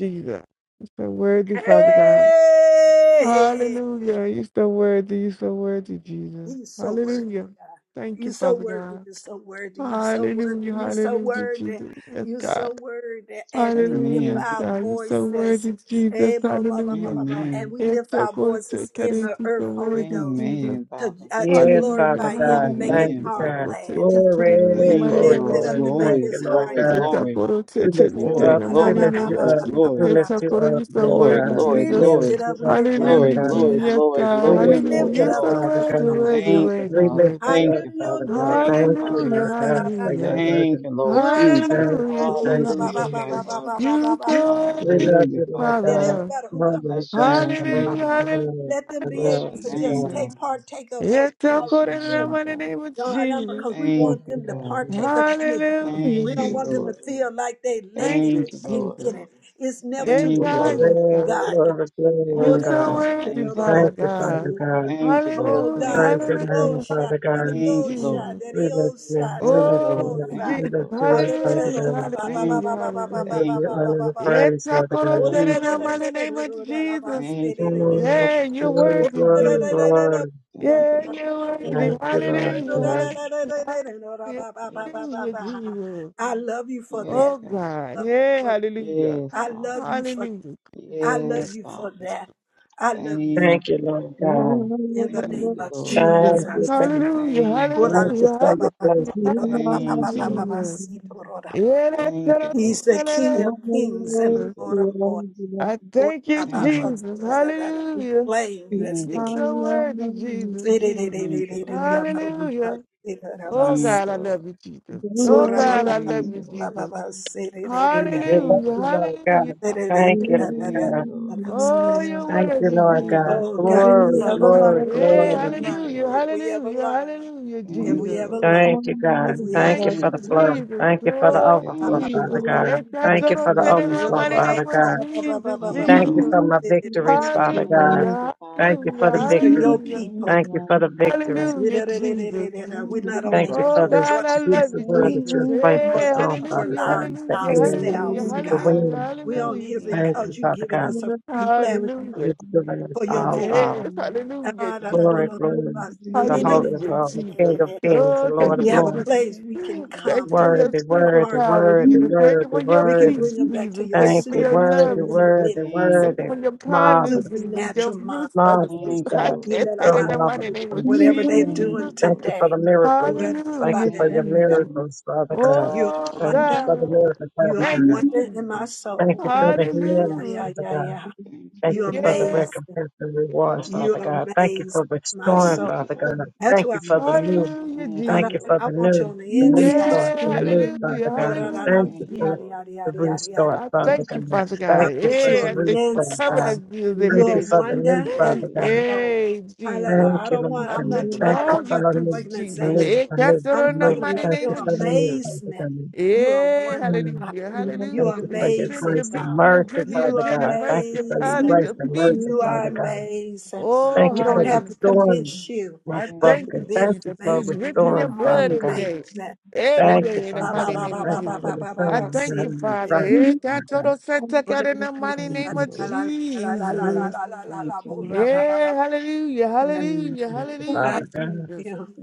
Jesus. You're so worthy, Father God. Hey! Hallelujah. You're so worthy. You're so worthy, Jesus. He's so worthy, Hallelujah. God. Thank You're you, so Father worthy. God. You're so worthy. You're so worthy. Hallelujah, You're so hallelujah, worthy. Jesus. Yes, You're God. so worthy. And we lift Hallelujah, yes, Amen. our God. You're so voices. worthy, Jesus. Eh, bo- bo- bo- bo- Hallelujah. bo- bo. And Amen. we It's lift so our good to voices in carry the to the earth, Holy word of Ghost, Jesus. Amen, to, Father. uh, to Yes, Hallelujah, Father glorify Him, God. make hallelujah, His Thank Amen, you, Jesus. heart Father. God. Go to glad. Catherine in the We Glory, Thank mighty you, glory, name lift of it Lord. glory. up to Jesus. make Thank Glory, you, His Lord heart glory, glad. God. It's a glory, good to We tell lift you you Oh, in glory, glory, up. the la, We la, mighty ba, lift ba, name you of ba, glory, glory, up. ba, Jesus. ba, We ba, It's ba. lift a you good up, to the Lord glory, word of God. glory, We We Jesus. lift glory, it lift you up. We up, lift it up. Father glory, glory, Hallelujah, We lift God. it up. Jesus, glory, God. We glory, We lift you Hallelujah. lift glory, it You're up, up so glory. Father because of worthy, God. the Holy worthy, Thank Ghost. you, worthy, We Father. lift worthy. Let you Thank up, you, everybody Father Father. God. Thank you, Thank Father. you, Hallelujah, Lord God, for your hallelujah. love Thank you, and Lord Jesus. thank Hallelujah, you, thank you, Hallelujah, Jesus. Jesus. Father. You're so We worthy, love Hallelujah, you, Lord Father. God. Father. who Oh, comes Lord Bless here, your God, come name, God, on, God. come Hallelujah, on, let them come be Bless able on, your to come name, just hallelujah. on. God. take partake of what Yes, I'll you're call Bless your already it doing. love name, in the God. name of No, no, Jesus. because we Thank Thank want you, you, them to Lord God. God. partake of you. Hallelujah, We Thank don't you, Jesus. want them to Lord. feel like they late Thank and you, Thank you, they can't Lord. Jesus. get it. It's never too Yes, Thank you, late to God, Lord. yes, Glory, God. get glory, glory, You Lord Thank what you, so God. Lord. worthy, Thank you, God. Father Thank Lord. you, Father God. got. God. Thank you, Lord. Oh We Hallelujah, Thank God, you, praise your Lord. hallelujah, oh name, shot, Father God. hallelujah, Thank oh you, Lord. shot, Jesus. We lift oh you, shot, we Thank lift you, Oh, Lord. you, oh up. Thank shot. we you, Jesus. lift Lord. you I up, Father Hallelujah, God. Thank hallelujah, you, Lord. We hallelujah. give Thank you you, honor Lord. and Yes, praise, I'll Father call it God. love Thank you, in Lord. the name of Jesus. Thank you, Lord. Oh, Yeah, Thank you, you're Lord. glory, worthy, glory, Jesus. glory. Thank you, Yeah, Lord. you're worthy. Thank you, Lord Hallelujah, Yes, God. God. hallelujah, hallelujah, Yes, hallelujah, God. Jesus. love you for Yes, that. Oh God. God. Hey, hallelujah. Yes, Father. Love you for- Hallelujah. I love you for I love Yes, you Father. for that. I love you for Thank Thank you, you, Lord. Lord God. in the Thank name you, of Lord. Jesus. Thank you, Jesus. thank you. Hallelujah. Thank you, Hallelujah. Ora Thank la Lord. you for Hallelujah. ba ba your ba, blessing. edo God. ra ba ba Hallelujah. Thank ba you, ba ba Lord. ba, Jesus. si do ro ra ba. Yeah, that's Thank you, what I'm He's Lord. the King saying. of Kings and the Thank Jesus. you, Lord Lord. of Lords. I Ora thank la you, ba ba, si Thank you, Jesus. da Lord. da da da. We Hallelujah. claim you as Thank the you, You're King. Lord. so worthy, Jesus, Si de de de Jesus. de Thank you, de de, Lord. ora Thank ba ba ba, Hallelujah. si da da ba. Oh si. Thank you, God, I Lord. love you, Jesus. So Oh ra ba God, ba I ba love Thank you, you, Lord. ba ba Jesus. ba, si de de de de, We love Thank Hallelujah. you, Lord God. Hallelujah. si de de Thank you, da da Lord da you, Lord. Thank you, God. da Lord. da, si. Oh, you're Thank you, worthy, Lord Thank God. Jesus. you, Oh Lord. God, Thank if you, Glory, we Father ever learn, glory, God. if we Yeah, glory. ever Thank you, Lord. Thank you, learn, hallelujah, if Lord. we ever hallelujah, learn, hallelujah, if Thank you, we Jesus. ever Lord. learn, Thank you, God. if we ever, Thank you Thank you, for the flow. Jesus. Thank you for the Oh, overflow, Thank you, Lord. Thank you, Father Jesus. Lord. God. It's that learn. Thank you total for the sin in the overflow, mighty Father name of God. Jesus, Thank you, Thank you Lord. Jesus. for my These victories, Father God. Thank you, Hallelujah, Father. Thank you hallelujah, for the are victory. your hallelujah, There is people. Thank you for the none like victory. you. hallelujah, Jesus. There We're is not on none Thank here you Oh, for for this one, God, I two, love beautiful you, There world three, that you Jesus. have is placed or us none, Hey, to on, cover Father hallelujah, lives God. The hallelujah, air, hallelujah, there ourselves, is the God. none hallelujah, wind. We're on hallelujah, here like, Thank Jesus. you, because you've Father given God. us a free platform Hallelujah. You've given us for your all of voice. there is all. Yes, none, hallelujah, Glory, glory. Because there The Holy of is Hallelujah, none, Holies, King Jesus. of Kings, the Oh, Lord thank of you we for have a Lords. this. place there we is can none come Thank you to for your reach Worthy, the worthy, heart. like. superpower, worthy, Jesus. Thank you worthy, for your We can worthy. bring peace, them back to Jesus. your Thank Thank you for you, your supernatural worthy, love, Jesus. worthy, Thank interventions, Thank you, you worthy. for your Lord. kindness, Marvelous, Jesus. Your supernatural minds. fruits are the fruits. marvelous Thank [laughs] you, I God. Lord. You're can't say that so in the mighty name of marvelous. Whatever they're Thank doing Jesus. you, Thank Lord. you for today, the miracles. you're Thank you Hallelujah, for your Thank you, you. Jesus. Lord. miracles, Father God. a Oh, Thank you wonder. Thank for you, the God. Lord. miracles, You Father Thank are a Thank God. you. you, wonder in Jesus. my Thank Thank soul. you you, for Lord. the Yeah, healing, Hallelujah. yeah, Father yeah, God. yeah. Thank you, Thank You're you Lord. for the Yeah. amazing. recompense and rewards, Thank you, Father Lord. You're God. Thank you for amazing, my restoring, soul. Thank you, Father Lord. God. That's Thank why you I for the want, new. Hallelujah, Thank I, Thank you, don't, you Jesus. Lord. for I the want you new, on the the new inside. Thank start, you, Yeah. the Lord. though. new, Hallelujah. Father God. Oh, da, da, da, Hallelujah, Thank you Thank you, Jesus. for yada, Lord. yada, the yada, yada, yada, yada, restart, I Father Thank thank yada. you, God. Father I Thank God. you want for you the on Yeah, I thank you the for restart, covering you, inside. us, God. Lord. Jesus, every Thank You're you a day, for the Jesus. new, wonder Thank in Father you, God. my Lord. soul. Hey, Hallelujah. Jesus. Thank I you, don't Thank Lord. want, you, I I'm Lord. God. not thank you for talking Thank you, all about your Father. Live, fruits, Thank you, Lord. Thank Jesus. you, organization. Hey, Lord. live, cast it I'm in the live. talking mighty about Thank name you, your of Father. Thank you, Live, Lord. Jesus. Father amazement. God. You are Yeah, wonder Thank Mm. you, God. hallelujah, Lord. You Thank are hallelujah. you For for your your strength, your amazing grace meek, Thank and God. for you, your mercy, Lord. goodness, your You Father are God. Thank generosity, you your for your amazing. kindness, Thank you, grace your and Lord. peace, mercy, You are Father Jesus. God. amazing. Thank Oh, Thank We you you, don't for Lord. have hallelujah, to Jesus. restoring convince you what's I Thank of thank you, you you, broken. Lord. being Thank you Jesus, for for you amazing. dripping You your restoring, are blood Father Thank every you, God. amazing. day, Lord. every Oh, Thank you, day in the ba, Father ba, mighty Thank God. ba, you. name ba, of Thank ba, you ba, Jesus. for ba, the ba, ba, I restoring ba, the thank si, you, ground di, the di, di, Father. di. Christ, Yeah, God Father told God. us to take Oh, da, out in the mighty Thank da, name you, of da, la, la, la, la, la, la, Jesus. la, la, la, la, bo, ra, ba, ba, Yeah, ba. hallelujah, hallelujah, thank you, I, hallelujah, Father God. Jesus. you.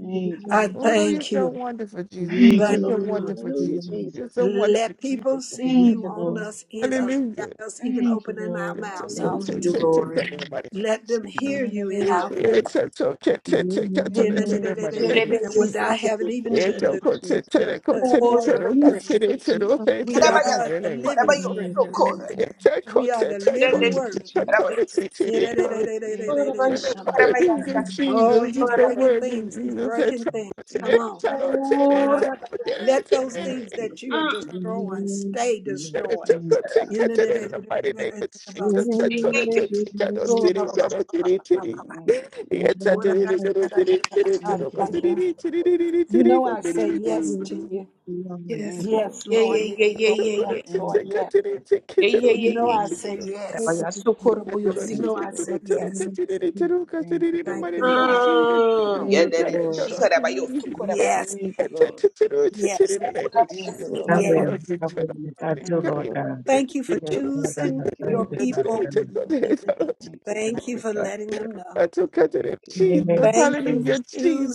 I Oh, you're thank so you. wonderful, Jesus. You're Thank so you. wonderful, Jesus. You're so wonderful, Let Jesus. people Thank, see you on us, in us, Hallelujah. without us thank, even opening our Hallelujah, mouths Thank all the you, time. Jesus, Lord. Let them thank, hear you in our voice. Hallelujah. [laughs] Kerebe yesu Without kere. having even the, thank the, you, Jesus. the, the quote or Orebe yesu. script. Thank you, Jesus. We Kerebe yesu. are the Korebe living yesu Thank you, scripture. kore. Jesus. We are the Rebe living Thank you, word. yesu. Jesus. Kerebe yesu. Thank you, Orebe Jesus. yesu. [laughs] Kerebe yesu. Oh, he's just Thank you, the Orebe yesu. Orebe breaking word, yesu. Jesus. things. He's breaking things. Thank Come you, on. Jesus. Ah, let those Thank Jesus, things you, that you Jesus. are destroying stay Let's destroyed. Thank go you, titty, Jesus. titty, titty, titty, go [laughs] titty, Yeah, Thank yeah, you, yeah. Jesus. I Thank you, My Jesus. soul belongs to Thank you, thank Lord. you. titty, You know I Thank say you, Lord. yes you. to titty. you. Yes, Thank you, Lord. Yes, Lord. Yeah, Lord. yeah, Yes, yeah, yeah, Lord. So yeah, good Yes, yeah. at it, Lord. Thank take you, care Lord. Yes. of it. titty, titty, Yeah, yeah, You yeah, know yeah. I Thank you, titty. say Lord. Kerebe yes. yesu. Korebe yesu. You Thank know you, I Lord. say yes. Thank you, Thank Lord. you, Lord. Mm, yeah, Thank you, daddy. Lord. She kerebe yesu. Korebe yesu. Yes, Thank you, Lord. yes, Thank you, I Lord. yes. will, I will, I do, Thank you, Lord Lord. God. Thank you for Yes, Lord God, choosing Thank I you, thank your you, Lord. Father people. God. Thank you, Thank Thank you Lord. you, for God. letting them know. Thank you, Lord. Jesus, Yes, Thank you hallelujah, for yes.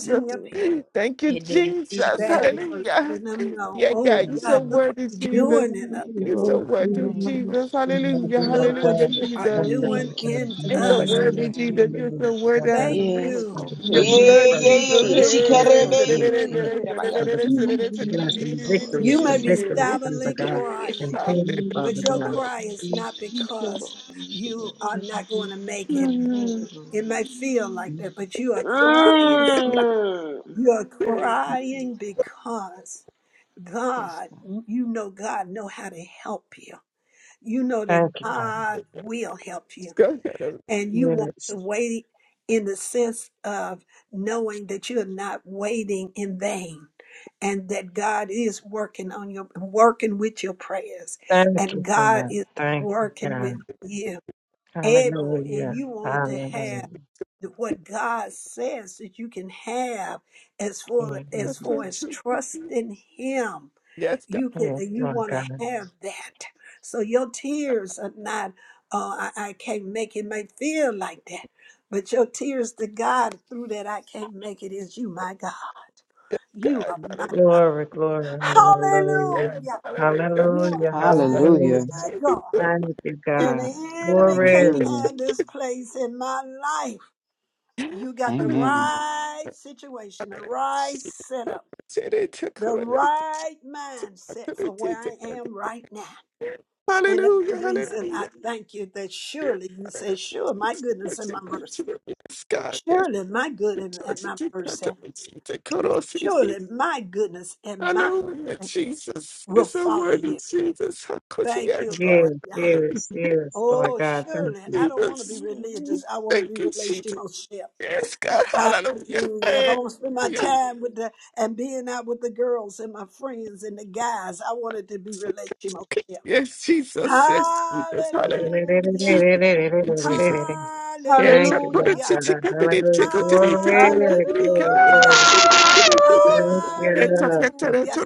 Thank your you, people. Lord. Thank you, Yeah, daddy. She Jesus, Thank you, Thank you kerebe- Lord. for hallelujah. letting them know. Yeah, Oh God, Thank you're Lord you, so God, God. Lord. look what worthy, you're Jesus. doing in us. Thank you, You're so Lord. worthy, Thank you, Jesus. Lord. You are Hallelujah, the Lord Look what hallelujah, God. you Mm. are Jesus. Thank you, Thank you, Thank doing Lord Lord. you. God. in Thank you It's a for us. your worthy love, for Jesus. Thank your you, You're love, so Lord. worthy. Lord I am God. the Thank name Yes, you. Of Lord. the Yeah, Your praise, Thank you, the blood, praise, yeah, Lord. Jesus. the yeah, yeah. praise, Look She the what can't blessing, be you the are beauty, the doing yes. in blessing, Father us. God. The Thank blessing, you, Lord. Thank you, Lord. Thank you, the Lord. victories, You Thank the you, may be Lord. victories, Thank you, Lord. Thank you, She Father silently Lord. God. can't be yes. Mm. She can't be yes. And crying, thank you, but Father your God. cry is not She can't be because you are not going to make it. Thank you, It Lord. may feel like that, but you are Thank crying you, Lord. somebody. yes. You are Let's Yes, crying God. because Yes, God, God. you know God know how to help you. You know that Thank you, God. God will help you. go, and you want Yes. to wait in the sense of knowing that you're not waiting in vain and that God is working on your working with your prayers Thank and you, God God. is Thank you, working God. with you able and Hallelujah. you want to have Hallelujah. the- what God says that you can have as far as That's hmm far so as true. trusting him Yes, God. you can Yes, you Lord want God. to have that so your tears are not oh I, I can't make it may feel like that but your tears to god through that i can't make it is you my god you God. are my Hallelujah. god Glory, glory, hallelujah. Yes, hallelujah Hallelujah. you are Hallelujah, Jesus. hallelujah. Hallelujah. Hallelujah. my Jesus. Hallelujah. god Thank you, and God. the enemy can't Glory. Hallelujah. have this place in my life Hallelujah. you got the Amen. Jesus. right situation the right setup the right mindset for where i am right now And that's the Hallelujah. reason Hallelujah. I thank you that I surely you say, Sure, my goodness and my mercy. Surely my good and, and my mercy. Surely my goodness and my know that mercy Jesus will is a follow word of you. Jesus. How could he Thank you, ask God? Yes, Lord God. yes, yes, Lord Oh, God. Thank surely you. I don't want to be Jesus, religious. I want to thank be you, Jesus. relationship. Yes, God, hallelujah. Hallelujah. If I want to spend my Hallelujah. time with the and being out with the girls and my friends and the guys, I want it to be relationship. Yes, Jesus, yes, Jesus, hallelujah. Hallelujah. Jesus, Jesus. Yes, Thank I you, put a Hallelujah. Lord Hallelujah. ticket God. on it. Hallelujah. Ticket on it. Glory, Ticket on it. glory, Hallelujah. Hallelujah. glory. Ticket Thank Yes. you. Jesus, Hallelujah.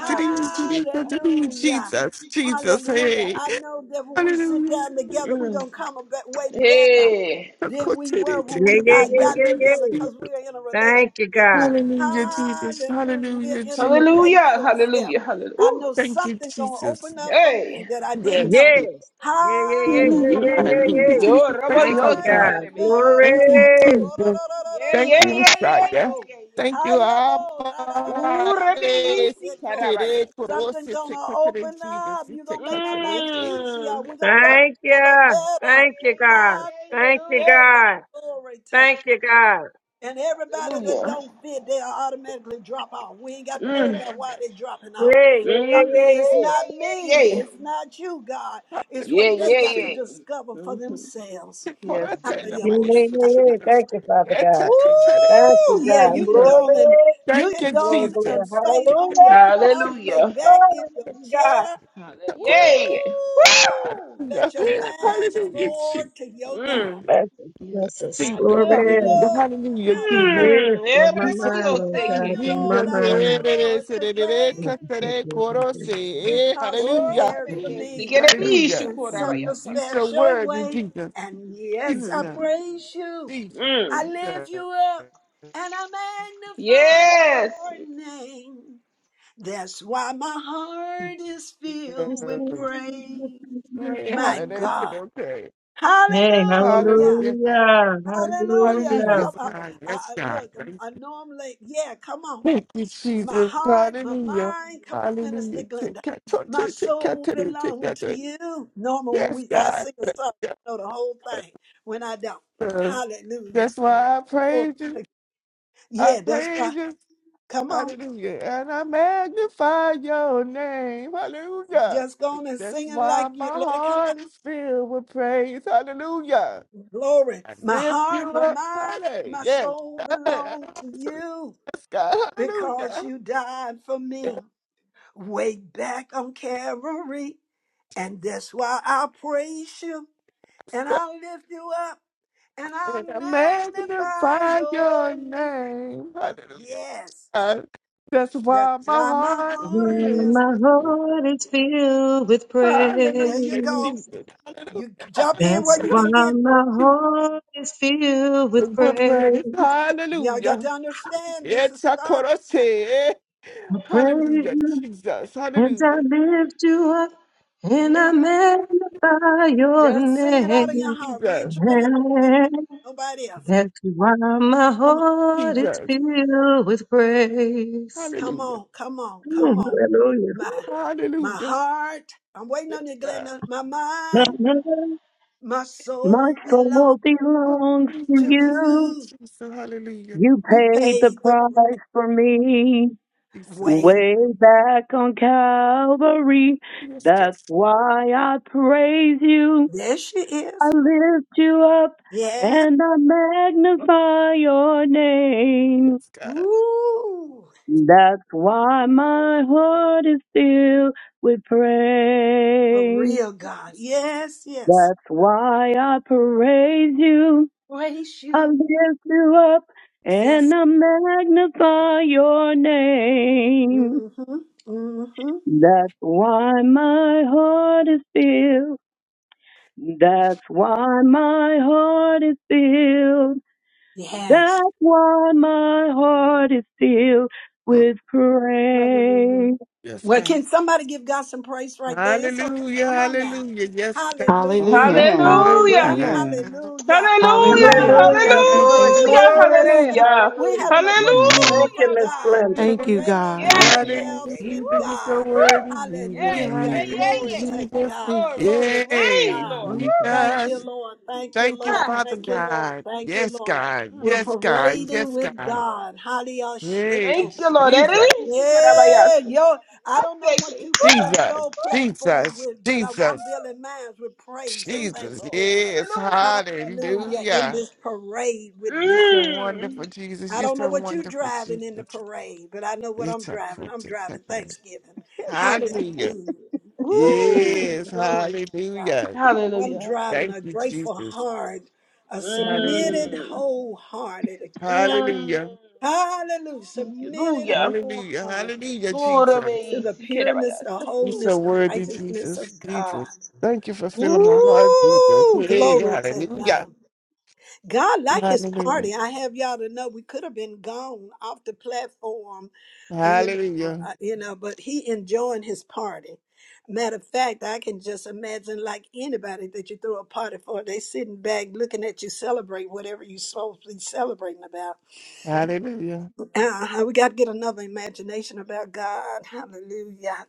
Hallelujah. Jesus, Hallelujah. hey. Hallelujah. I know that when we sit Hallelujah. down together, we're Mm. going to come a bit way better Hey. than we were when Yeah, we yeah, uh, yeah, got yeah, together yeah. because we are in a relationship. Thank you, God. Hallelujah, Jesus. Hallelujah. We are Hallelujah, in a Jesus. Hallelujah. relationship. Hallelujah. Hallelujah. I Ooh. know Thank you, something going to Jesus. open up for me Hey. that I didn't Mm, Yes. know. Yes. Yeah, yeah, yeah, mm, yeah, Hallelujah, mm, yeah, mm, yeah, hallelujah, mm. yeah. Hallelujah. Yo, Jesus. Robo, Thank you, Thank yo, you, Father si God. Haya quiere, God. ve. Thank mora you, dando Glory. ro ro ro ro Jesus. ro ro ro Yeah, Thank yeah, la ba you, yeah, yeah, yeah, Messiah. shando. yeah, yeah, Thank you, yeah. Haya bo ra la la bo ra Ooh, Abba. ya da Rebbe la ba Yisi seto. Karabaya. Tere koro Something se te gonna katere open Jesus, up. se You're te gonna make my katere life oke. easier. Mmm. We're gonna learn Thank each other you. better. Thank Yeah, you, yeah, God. yeah, Thank you, yeah, Hallelujah. yeah. God. Glory to Thank God. you, God. And everybody that Hallelujah. don't fit, they'll automatically drop out. We ain't got to worry Mmm. about why they dropping out. Yeah, yeah, yeah, Mmm. Something yeah, it's Yeah, not yeah, yeah, me, yeah. it's not you, God. Thank It's Yeah, what they yeah, got to yeah. discover for Mm-hmm. themselves. Yes, Lord. yeah. Yeah, Hallelujah. yeah, yeah, yeah. Thank you, Father Woo! God. Thank you, Yeah, God. you Thank can you, Glory, go on Lord. and you can you, go glory, on glory. and Jesus. faint on your Hallelujah. couch, lay Hallelujah. back in Glory your to God. chair. Hallelujah. Woo! Yeah, yeah. Woo! Let your Hallelujah, Yeah. mind soar Jesus, to your God. Mmm. Thank you, Yes. Jesus. I Jesus, love you, Glory. hallelujah, Lord. hallelujah, Jesus. Hallelujah. Yes, Mmm. blow Yeah, my You Rebbe say, mind, Lord Love God. you, Yoseke. Blow my Lord. Jesus, I love eh, mind. you, eh, eh, Lord, eh, eh, eh, today eh, eh, eh, eh, because you hallelujah, Ora cared for beye, me sikere bi işi hallelujah. in such Mhm. a You so special worthy, way. Jesus, And yes, I Mm. Jesus, praise you. Mm. I lift you up and I magnify Yes. your name. That's why my heart is Yes, filled with Jesus. praise. Glory, My hallelujah, said, God. okay. Hey, Hallelujah. Hallelujah. Yes, God. hallelujah, Hallelujah. Hallelujah. hallelujah. Come Yes, on. God. I, Yes, I, God. look, Thank I know I'm late. Yeah, come on. thank you, My Jesus. heart, my Hallelujah. mind, come on, Minister Hallelujah. Glenda. Take care, My take take care, soul take care, take belong care. take to care. you. Normal when Yes, we I God. sing a song, Yes, I know the whole thing. When I don't. sir. Hallelujah. That's why I Glory praise you. to- I Yeah, that's praise why. you. Come on. Hallelujah. And I magnify your name. Hallelujah. Just go on and That's sing it why like my you let it come out. heart is filled with praise. Hallelujah. Glory. I My lift heart, you my up. mind, my Hallelujah. soul belong Yes. to you Yes, God, hallelujah. because you Yes, died for me. way back on Calvary. And that's why I praise you and God, I lift you up and I and I magnify magnify your your name. name. Hallelujah. Yes, God. That's that's why my why my heart is heart filled. is. My heart is filled with There you Hallelujah, go. praise. Jesus. Hallelujah. You jump in That's where you why can get it. my heart is filled with With praise. praise. Y'all got Hallelujah. to understand this is It's a God. chorus. eh? I praise Hallelujah, you Jesus. and I Hallelujah. lift you up and I Mhm. Amen. magnify your Just sing it out of your name. heart. We ain't Jesus. trying to sing it like nobody else. That's why my heart is Jesus. filled with praise. Come Hallelujah. on, come on, come on. Hallelujah. My my Hallelujah. heart, I'm waiting on you, Yes, Glenda. My mind, my soul belong to Hallelujah. you. Jesus. Hallelujah. You You paid the paid the price. price for me. Jesus. Wait, Way back on Calvary, Yes, God. that's why I praise you. there she I is. lift you up Yes. and I magnify your name. Yes, God. Ooh, That's why my heart is filled with for praise. real, God. Yes, Jesus. Yes, yes. That's why I praise you. Praise I you. lift you up Yes, God. and Yes. I magnify your name. Mm-hmm. Mm-hmm. That's why my heart is filled. That's why my heart is filled. Yes. That's why my heart is filled with Hallelujah. praise. Yes, Well, God. can somebody give God some praise right there? It's okay. Hallelujah. Come on now. Hallelujah. Yes, God. Hallelujah. Hallelujah. Amen. Hallelujah. Hallelujah. Hallelujah. Amen. Hallelujah. Hallelujah. Oh, Hallelujah. Amen. come Hallelujah. on Thank you, in, Glory, Hallelujah. everybody. Hallelujah. We Jesus. glory. just cel- Hallelujah. we're Hallelujah. having a Amen. parade Thank for you, Hallelujah, Miss God. God. Glenda. We're Thank you, Hallelujah. parading God. Yeah, Thank you, yeah, Hallelujah. Jesus, Lord. yeah. ourselves yeah. with Woo. you're so God. Woo. worthy. Yeah, Jesus. Thank Hallelujah. yeah, you, Hallelujah. yeah, Lord. Glory yeah. to Jesus. God. Thank you, Glory to your Glory to Jesus. name, Yay. God. Lord. Thank you, Woo. Lord. Thank Jesus. you, Lord. Thank you, Thank you, Lord. Ah, Father Thank you, yeah. Lord. God. Thank you, Yes, Lord. God. We're Mm. Yes, God. parading Yes, Thank with you, God. Lord. God. Hallelujah. Hey, Thank you, Lord. Ere Jesus. bi işi kora Yeah, bayata, yo, kora I don't know what bayata. you build Jesus, your Woo. platform Jesus, with, but I, I'm Jesus, building mine with praise and Thank you, Jesus. Lord. thanksgiving. Yes, Hallelujah, Hallelujah in hallelujah. this parade with You're God. so God. Mm. wonderful, Jesus. I You're don't know so what you wonderful, driving Jesus. in the parade, but I know what I'm It's a driving. I'm critic. driving Thanksgiving. Hallelujah. Hallelujah. Woo, Yes, Hallelujah. glory to God. hallelujah. I'm Hallelujah. driving Thank a you, grateful Jesus. heart, a Hallelujah. submitted Mm. wholehearted to God. Mm. Hallelujah. Hallelujah. Thank you, Submitted Hallelujah. Hallelujah. wholeheartedly Hallelujah, Lord, I Jesus. to may the seek it, I may pureness, the ask. You so wholeness, the worthy, righteousness of Jesus, God. Jesus. Thank you for filling my heart, Jesus. Woo! Hey, Glory to hallelujah. God. God like his Hallelujah. party. I have y'all to know we could have been gone off the platform, uh, you know, Hallelujah. uh, you know, but he enjoying his party. Matter of fact, I can just imagine like anybody that you throw a party for, they sitting back looking at you celebrate whatever you supposed to be celebrating about. Hallelujah. Uh, we got to get another imagination about God. Hallelujah.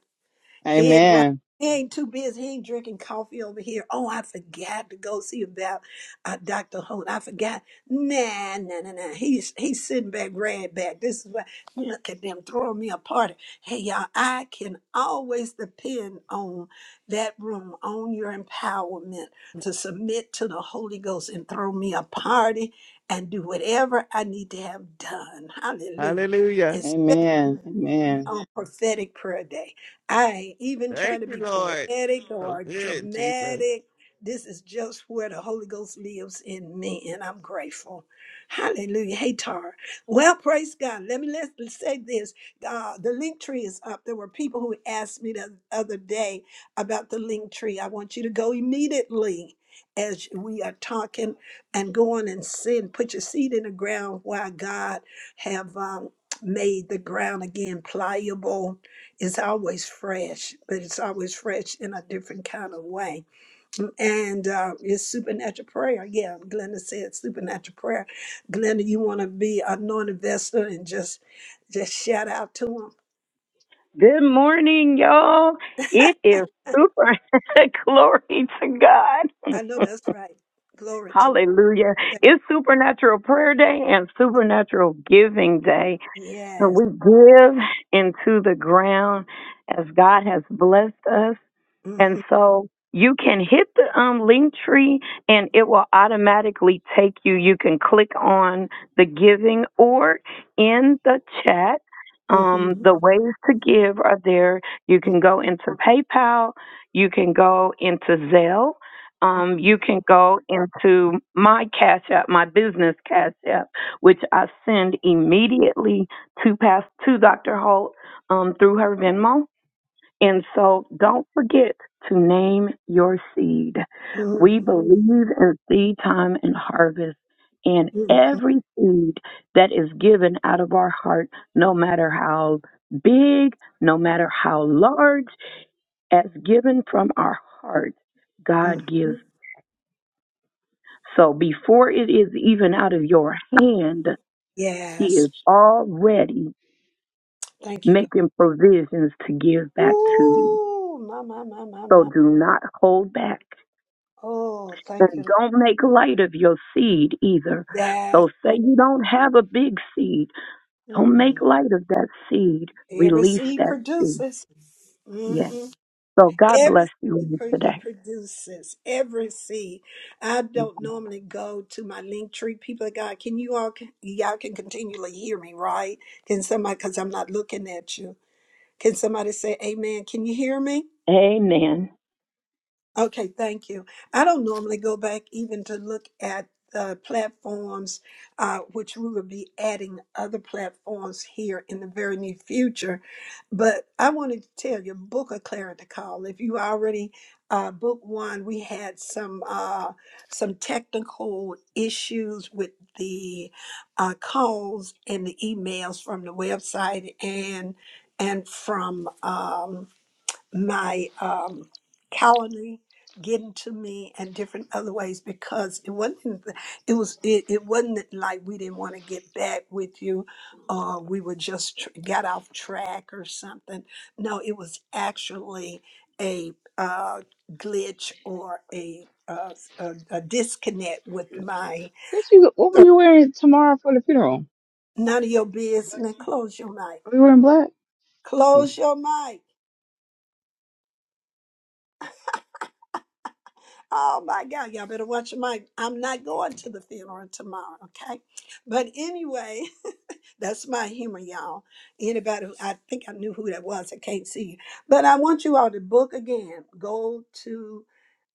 He ain't right. Amen. He ain't too busy. He ain't drinking coffee over here. Oh, I forgot to go see about uh, Dr. Holt. I forgot. Nah, nah, nah, nah. He's he's sitting back, right back. This is why look at them throwing me a party. Hey y'all, I can always depend on that room, on your empowerment to submit to the Holy Ghost and throw me a party and do whatever I need to have done. Hallelujah. Hallelujah. Especially Amen. Amen. on prophetic prayer day. I ain't even Thank trying to you, be Lord. poetic So or good, Jesus. dramatic. This is just where the Holy Ghost lives in me, and I'm grateful. Hallelujah. Hey, Tara. Well, praise God. Let me let, us say this. Uh, the link tree is up. There were people who asked me the other day about the link tree. I want you to go immediately as we are talking and go on and sin. Put your seed in the ground while God have um, made the ground again pliable it's always fresh, but it's always fresh in a different kind of way. And uh, it's supernatural prayer. Yeah, Glenda said supernatural prayer. Glenda, you want to be a known investor and just just shout out to him. Good morning, y'all. It is super. [laughs] Glory to God. I know that's right. Glory to Hallelujah. God. It's Supernatural Prayer Day and Supernatural Giving Day. And Yes. we give into the ground as God has blessed us. And Mhm, so you can hit the um, link tree and it will automatically take you. You can click on the giving or in the chat. Um, mhm, the ways to give are there. You mhm, can go into PayPal, you can go into Zelle, um, you can go into my Cash App, my business Cash App, which I send immediately to pass to Dr. Holt um, through her Venmo and so don't forget to name your seed. We believe mhm, in seed time and harvest. And mhm, every seed that is given out of our heart, no matter how big, no matter how large, as given from our heart, God gives. mhm. So before it is even out of your hand, He Yes. is already Thank you, God. making provisions to give back to you. Ooh, my, my, my, my, So my. do not hold back Oh, thank And you. don't make light of your seed either. That's So say right. you don't have a big seed. Don't Mm-mm. make light of that seed. Every Release seed that seed. produces. Yes. hmm So God Every bless you seed all pro- today. produces. Every seed. I don't normally go to my link tree. People of God, can you all, y'all can continually hear me, right? Can somebody, because I'm not looking at you, can somebody say amen? Can you hear me? Amen. Okay, thank you. I don't normally go back even to look at the platforms, uh, which we will be adding other platforms here in the very near future. But I wanted to tell you, book a clarity call. If you already uh, book one, we had some uh, some technical issues with the uh, calls and the emails from the website and and from. Um, my um, colony getting to me and different other ways because it wasn't it was it, it wasn't like we didn't want to get back with you or we were just tr- got off track or something no it was actually a uh, glitch or a, uh, s- a a disconnect with my or Funeral. none of your business close your mic We were in black. close your mic Oh my God, y'all better watch your mic. I'm not going to the funeral tomorrow, okay? But anyway, [laughs] that's my humor, y'all. Anybody, who, I think I knew who that was. I can't see you. But I want you all to book again. Go to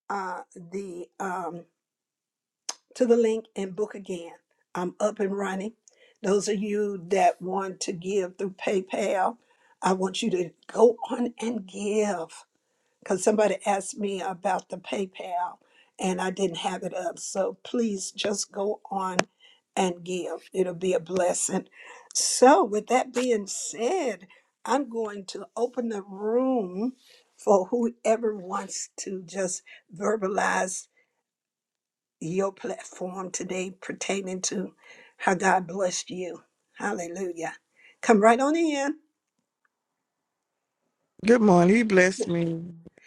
uh, the um, to the link and book again. I'm up and running. Those of you that want to give through PayPal, I want you to go on and give because somebody asked me about the PayPal and I didn't have it up. So please just go on and give. It'll be a blessing. So, with that being said, I'm going to open the room for whoever wants to just verbalize your platform today pertaining to how God blessed you. Hallelujah. Come right on in. Good morning. He blessed me.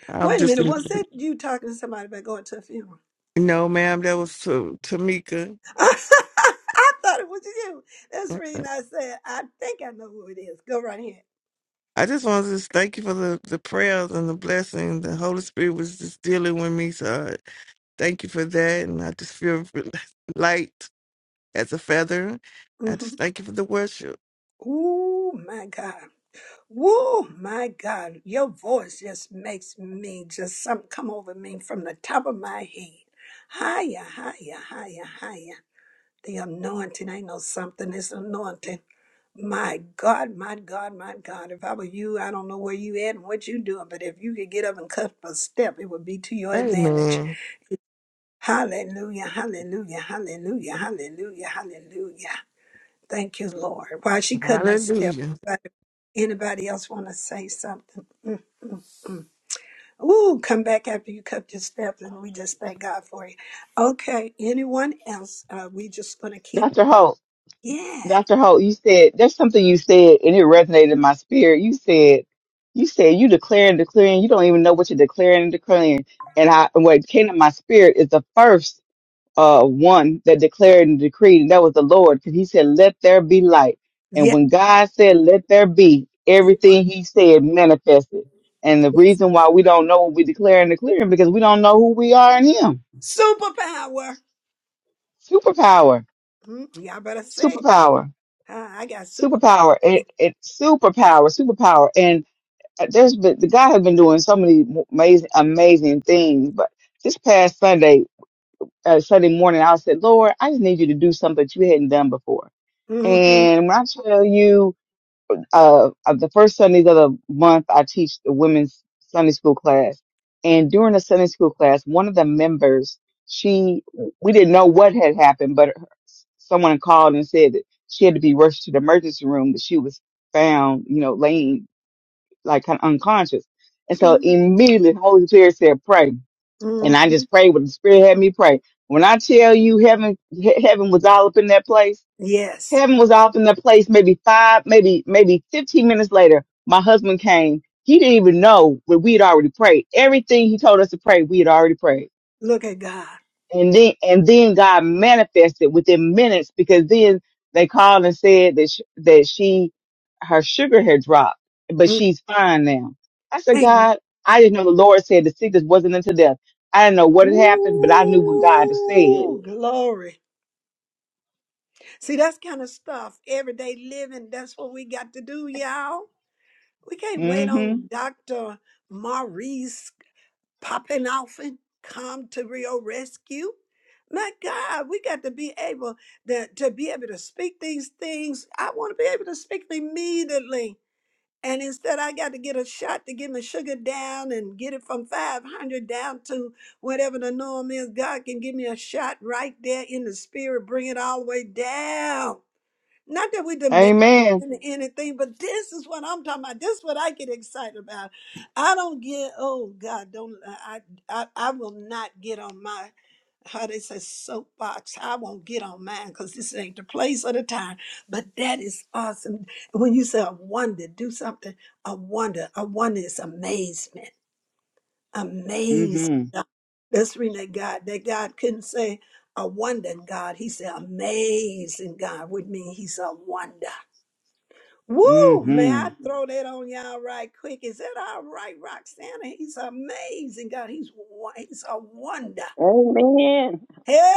I'm Wait a just, minute, was that you talking to somebody about going to a funeral? no, ma'am, that was to Tamika. [laughs] I thought it was you. That's the reason I said, I think I know who it is. Go right ahead. I just wanted to thank you for the, the prayers and the blessing. The Holy Spirit was just dealing with me. So I thank you for that. And I just feel [laughs] light as a feather. I just hmm thank you for the worship. Ooh, my God. Oh my God. Your voice just makes me just something come over me from the top of my head. Higher, higher, higher, higher. The anointing, I know something. It's anointing. My God, my God, my God. If I were you, I don't know where you at and what you doing, but if you could get up and cut a step, it would be to your advantage Amen. Hallelujah, hallelujah, hallelujah, hallelujah, hallelujah. Thank you, Lord. Why she couldn't have stepped. Hallelujah. But anybody else want to say something? Mm, mm, mm. Ooh, come back after you cut your steps, and we just thank God for you. Okay, anyone else? Uh, we just gonna keep. Dr. Holt, Yeah, Dr. Holt, you said there's something you said and it resonated in my spirit. You said, you said you declaring, declaring, you don't even know what you're declaring and declaring. And I, what came to my spirit is the first uh, one that declared and decreed, and that was the Lord, because he said, Let there be light. And yeah. when God said, Let there be, everything he said manifested. And the reason why we don't know what we declare and declaring because we don't know who we are in him. Superpower. Superpower, Mm, y'all better say it. superpower, Uh, I got superpower. superpower, it, it, superpower, superpower. And uh, there's been, the God has been doing so many amazing, amazing things. But this past Sunday, uh, Sunday morning, I said, Lord, I just need you to do something that you hadn't done before. hmm And when I tell you, uh, of the first Sundays of the month, I teach the women's Sunday school class. And during the Sunday school class, one of the members, she, we didn't know what had happened, but her- someone called and said that she had to be rushed to the emergency room, that she was found, you know, laying like kind of unconscious. And so immediately the Holy Spirit said, pray. And I hmm just prayed what the Spirit had me pray. When I tell you heaven, he- heaven was all up in that place Yes. Kevin was off in the place maybe five, maybe, maybe 15 minutes later. My husband came. He didn't even know but we had already prayed. Everything he told us to pray, we had already prayed. Look at God. And then, and then God manifested within minutes because then they called and said that, sh- that she, her sugar had dropped, but Mm, she's fine now. I said, Amen. God, I didn't know the Lord said the sickness wasn't unto death. I didn't know what had happened, but I knew what God had said. Ooh, glory. See, that's kind of stuff. Everyday living, that's what we got to do, y'all. We can't wait hmm on Dr. Maurice Poppenoffen come to Rio Rescue. My God, we got to be able to, to be able to speak these things. I want to be able to speak them immediately. And instead, I got to get a shot to get my sugar down and get it from 500 down to whatever the norm is. God can give me a shot right there in the spirit, bring it all the way down. Not that we demand Amen. anything, but this is what I'm talking about. This is what I get excited about. I don't get, oh God, don't, I, I, I will not get on my how they say soapbox. I won't get on mine because this ain't the place or the time. But that is awesome. When you say a wonder, do something, a wonder, a wonder is amazement. Amazed. hmm That's reading that God. That God couldn't say a wonder in God. He said amazing God would mean he's a wonder. Woo! May hmm I throw that on y'all right quick? Is that all right, Roxana? He's amazing God. He's, wo- he's a wonder. Amen.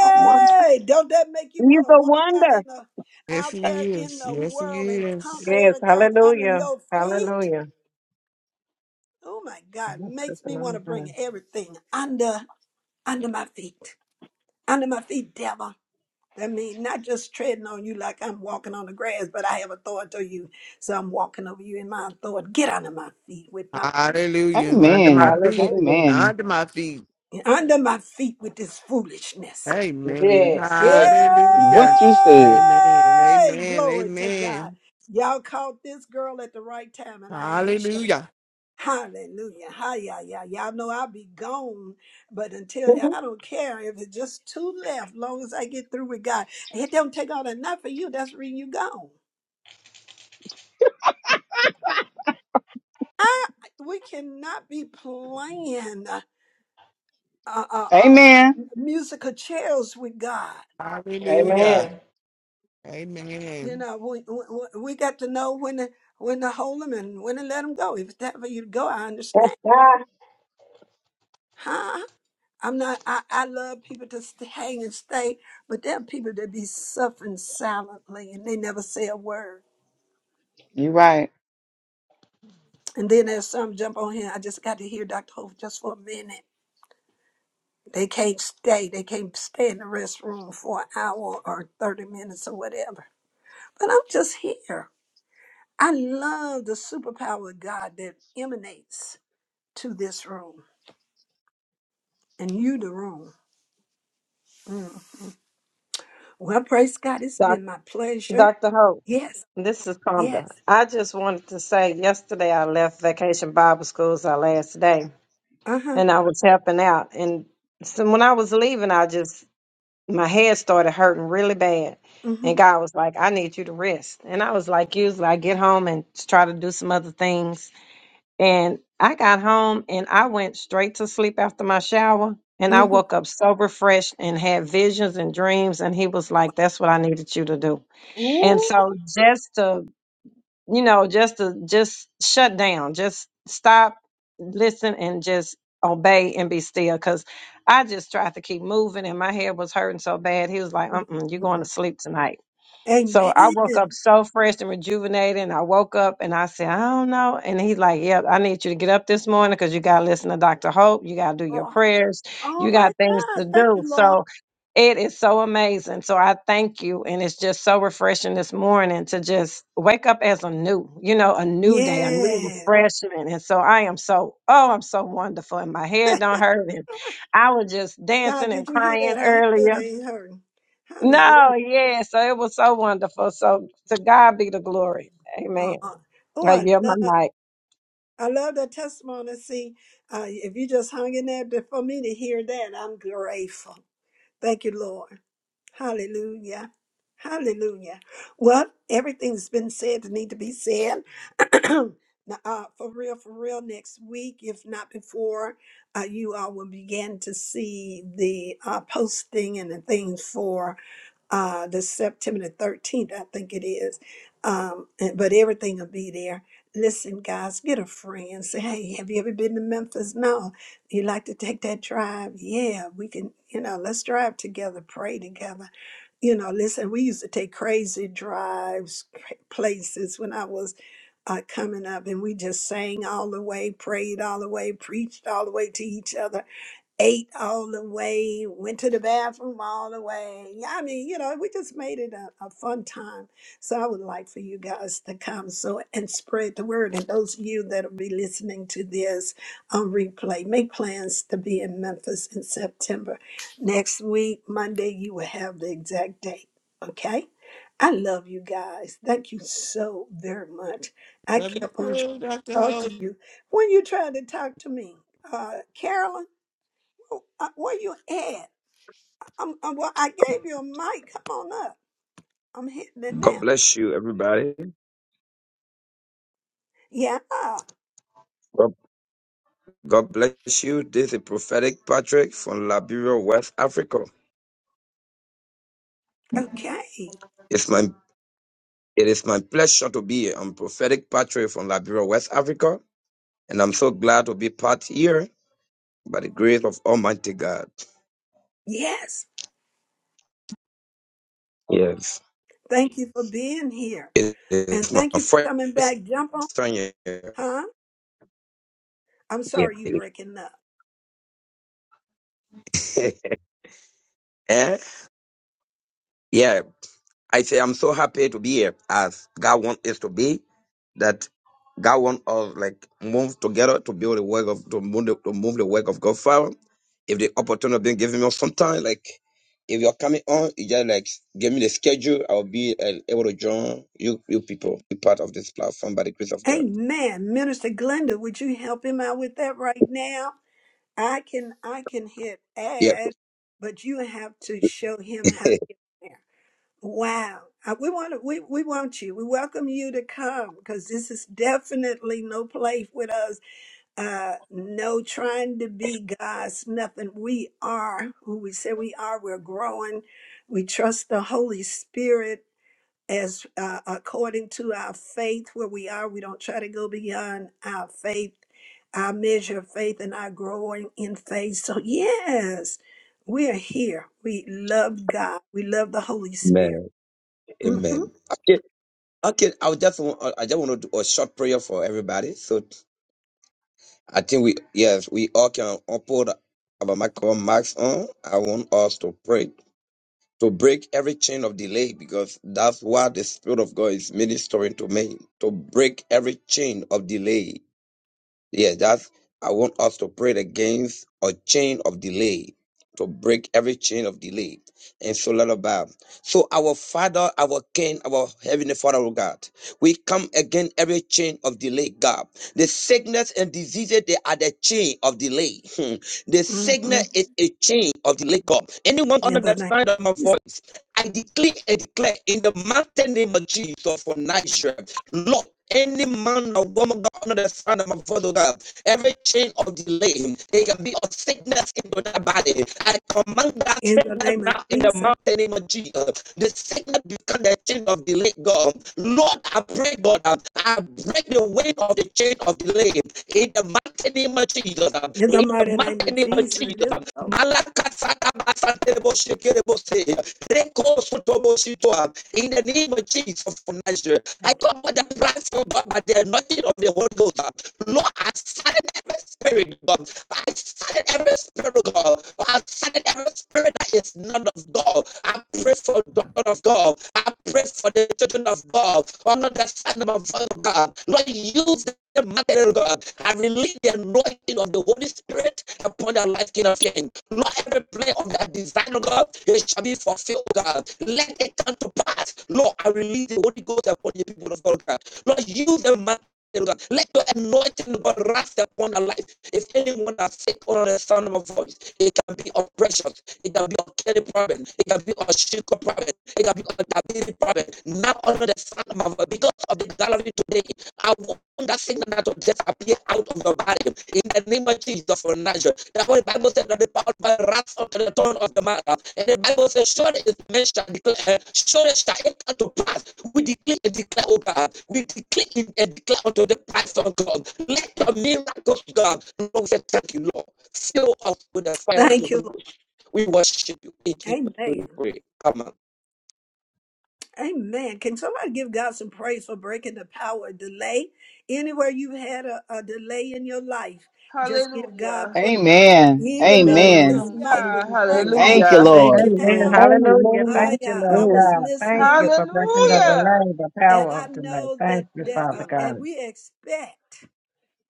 A won- don't that make you He's want to a walk out in wonder. the Yes, out there he in is. the Yes, he world and is. conquer Yes, everything under hallelujah. your feet? Hallelujah. Oh my God, makes me want to bring everything under under my feet. Under my feet, devil. That means not just treading on you like I'm walking on the grass, but I have authority over you. So I'm walking over you in my authority. Get under my feet with my Hallelujah. Under my Amen. feet. Hallelujah. Amen. Under my feet. under my feet with this foolishness. Amen. Yes, Yay! yes. Hallelujah. What you said. Amen. Amen. Glory to God. Amen. Y'all caught this girl at the right time, and I ain't shy. Hallelujah. Hallelujah. Hi, yeah, yeah. Y'all know I'll be gone, but until I [laughs] don't care if it's just two left, long as I get through with God. It don't take all that not for you. That's when you gone. I, we cannot be playing uh, uh, uh, Amen. musical chairs with God. Amen. Hallelujah. You Amen. know, we we, we got to know when to when to hold them and when to let them go. If it's time for you to go, I understand. [laughs] Huh? I'm not. I, I love people to stay, hang and stay, but there are people that be suffering silently and they never say a word. you right. And then there's some jump on here. I just got to hear Dr. Hope just for a minute. They can't stay. They can't stay in the restroom for an hour or thirty minutes or whatever. But I'm just here. I love the superpower of God that emanates to this room. and you the wrong. Mm. Well, praise God, it's Doc, been my pleasure. Dr. Hope, Yes, this is yes. Conda. I just wanted to say yesterday I left Vacation Bible School as our last day, Uh huh. and I was helping out. And so when I was leaving, I just my head started hurting really bad. And Mm-hmm, God was like, I need you to rest. And I was like, usually I get home and try to do some other things. And I got home and I went straight to sleep after my shower. And I mm-hmm, woke up so refreshed and had visions and dreams. And he was like, That's what I needed you to do. And so just to you know, just to just shut down, just stop, listen, and just obey and be still. Because I just tried to keep moving, and my head was hurting so bad. He was like, "Uh, uh-uh, you going to mm-hmm. sleep tonight." So I Amen. woke up so fresh and rejuvenated. And I woke up and I said, I don't know. And he's like, Yep, I need you to get up this morning because you got to listen to Dr. Hope. You got to do your Oh, prayers. oh You my got things to God. Thank do. you, Lord. So it is so amazing. So I thank you. And it's just so refreshing this morning to just wake up as a new, you know, a new day, a new Yes. refreshment. And so I am so, oh, I'm so wonderful. And my head don't hurt. And I was just God, dancing and did you hear crying that? Her head earlier ain't hurting. no, Hallelujah. yeah. So it was so wonderful. So to God be the glory. Amen. Uh-uh. Oh, I I yield my love. mic. I love that testimony. See, uh, if you just hung in there to- for me to hear that, I'm grateful. Thank you, Lord. Hallelujah. Hallelujah. Well, everything's been said that need to be said. [clears throat] Now, uh, for real, for real, next week, if not before, uh, you all will begin to see the uh, posting and the things for uh, the September the 13th, I think it is. Um, and- but everything will be there. Listen, guys, get a friend. Say, hey, have you ever been to Memphis? No. You like to take that drive? Yeah, we can, you know, let's drive together, pray together. You know, listen, we used to take crazy drives, cra- places when I was uh, coming up, and we just sang all the way, prayed all the way, preached all the way to each other ate all the way, went to the bathroom all the way. Yeah, I mean, you know, we just made it a, a fun time. So I would like for you guys to come so and spread the word. And those of you that'll be listening to this on replay, make plans to be in Memphis in September. Next week, Monday, you will have the exact date. Okay? I love you guys. Thank you so very much. I Love you kept on too, Dr. trying to talk Ho. to you when you tried to talk to me. Uh, Carolyn. Uh, where you at? I'm, well, I gave you a mic. Come on up. I'm hitting it God now. bless you, everybody. Yeah. God, God bless you. This is prophetic Patrick from Liberia, West Africa. Okay. It's my it is my pleasure to be here. I'm prophetic Patrick from Liberia, West Africa, and I'm so glad to be part here by the grace of Almighty God. Yes. Yes, Thank you for being here. it And is my thank you for first coming back. Jump on. time here. Huh? I'm Yeah, sorry you it breaking up. is. [laughs] Eh? yeah. I say I'm so happy to be here as God wants us to be. That God wants us like move together to build the work of to move the, to move the work of God forward. If the opportunity been given me some time, like if you're coming on, you just like give me the schedule. I'll be uh, able to join you you people be part of this platform by the grace of God. Amen. Minister Glenda, would you help him out with that right now? I can I can hit Yeah. add, but you have to show him [laughs] how to get there. Wow. Uh, We want to, we, we want you. We welcome you to come because this is definitely no play with us. Uh, no trying to be God's nothing. We are who we say we are. We're growing. We trust the Holy Spirit as uh, according to our faith where we are. We don't try to go beyond our faith, our measure of faith, and our growing in faith. So, yes, we are here. We love God. We love the Holy Spirit. Amen. Mm-hmm. Amen. Okay. Okay. I just want I just want to do a short prayer for everybody. So. I think we, yes, we all can uphold our micro marks on. I want us to pray, to break every chain of delay because that's what the Spirit of God is ministering to me, to break every chain of delay Yes, that's I want us to pray against a chain of delay, to break every chain of delay. And so, Lord above. So, our Father, our King, our Heavenly Father, oh God, we come against every chain of delay, God. The sickness and diseases, they are the chain of delay. Hmm. The Mm-hmm. sickness is a chain of delay, God. Anyone In under the the name sound of my of Jesus. voice, I declare and declare in the mighty name of Jesus for Nigeria. Lord, any man or woman, God, under the sound of my voice, oh God, every chain of delay, there can be a sickness into that body. I command that In the sickness name of now in the Jesus. mountain name of Jesus. The sickness become the chain of delay, God. Lord, I pray, God, um, I break the weight of the chain of delay in the mighty name of Jesus. um, In the In the mighty name mighty of name of Jesus. It Jesus. is um. so. saka basa terebo shekere bose, reko soto bosi toa. In the name of Jesus of Nigeria. I Thank you. come with the plans of God, but there is nothing of the Holy Ghost. uh. Lord, I silent every spirit, God. I silent every spirit, God. I silent every spirit that is not of God. I pray for the daughter of God. I pray for the children of God. Honor the son of of God. Lord, use the mother of God. I release the anointing of the Holy Spirit upon their life, King of King. Lord, every plan of that design, oh God, it shall be fulfilled, oh God. Let it come to pass. Lord, I release the Holy Ghost upon the people of God. God. Lord, use the man. oh God. Let your anointing, oh God, rest upon their life. If anyone has sick on the sound of my voice, it can be oppression, it can be a kidney problem, it can be a sugar problem, it can be a diabetes problem. Now under the sound of my voice, because of the gallery today, I will that sickness that will just appear out of your body in the name of Jesus for Nazareth. The Holy Bible said that the power of the wrath of the throne of the matter. And the Bible says, surely it men shall declare, surely shall it come to pass. We declare and declare, oh God, we declare and declare unto the price of God. Let the miracles, God, Lord, say, thank you, Lord. Fill us with the fire of the Thank you, Holy Lord. Ghost. We worship you in Jesus' name. Amen. Come on. Amen. Can somebody give God some praise for breaking the power of delay? Anywhere you've had a, a delay in your life, just give God Hallelujah. praise. Amen. Even though Amen. his Amen. mic was Thank Hallelujah. you, cracking up Thank you, Jesus. just Hallelujah. a Thank Lord. you, Amen. tab, Lord. Hallelujah. I, Thank you, uh, I Lord Amen. was God. Thank listening you with for breaking the spirit, Hallelujah. delay, the and power I of delay. know that, Thank you, Thank that Father you. uh, Lord. and God. we expect.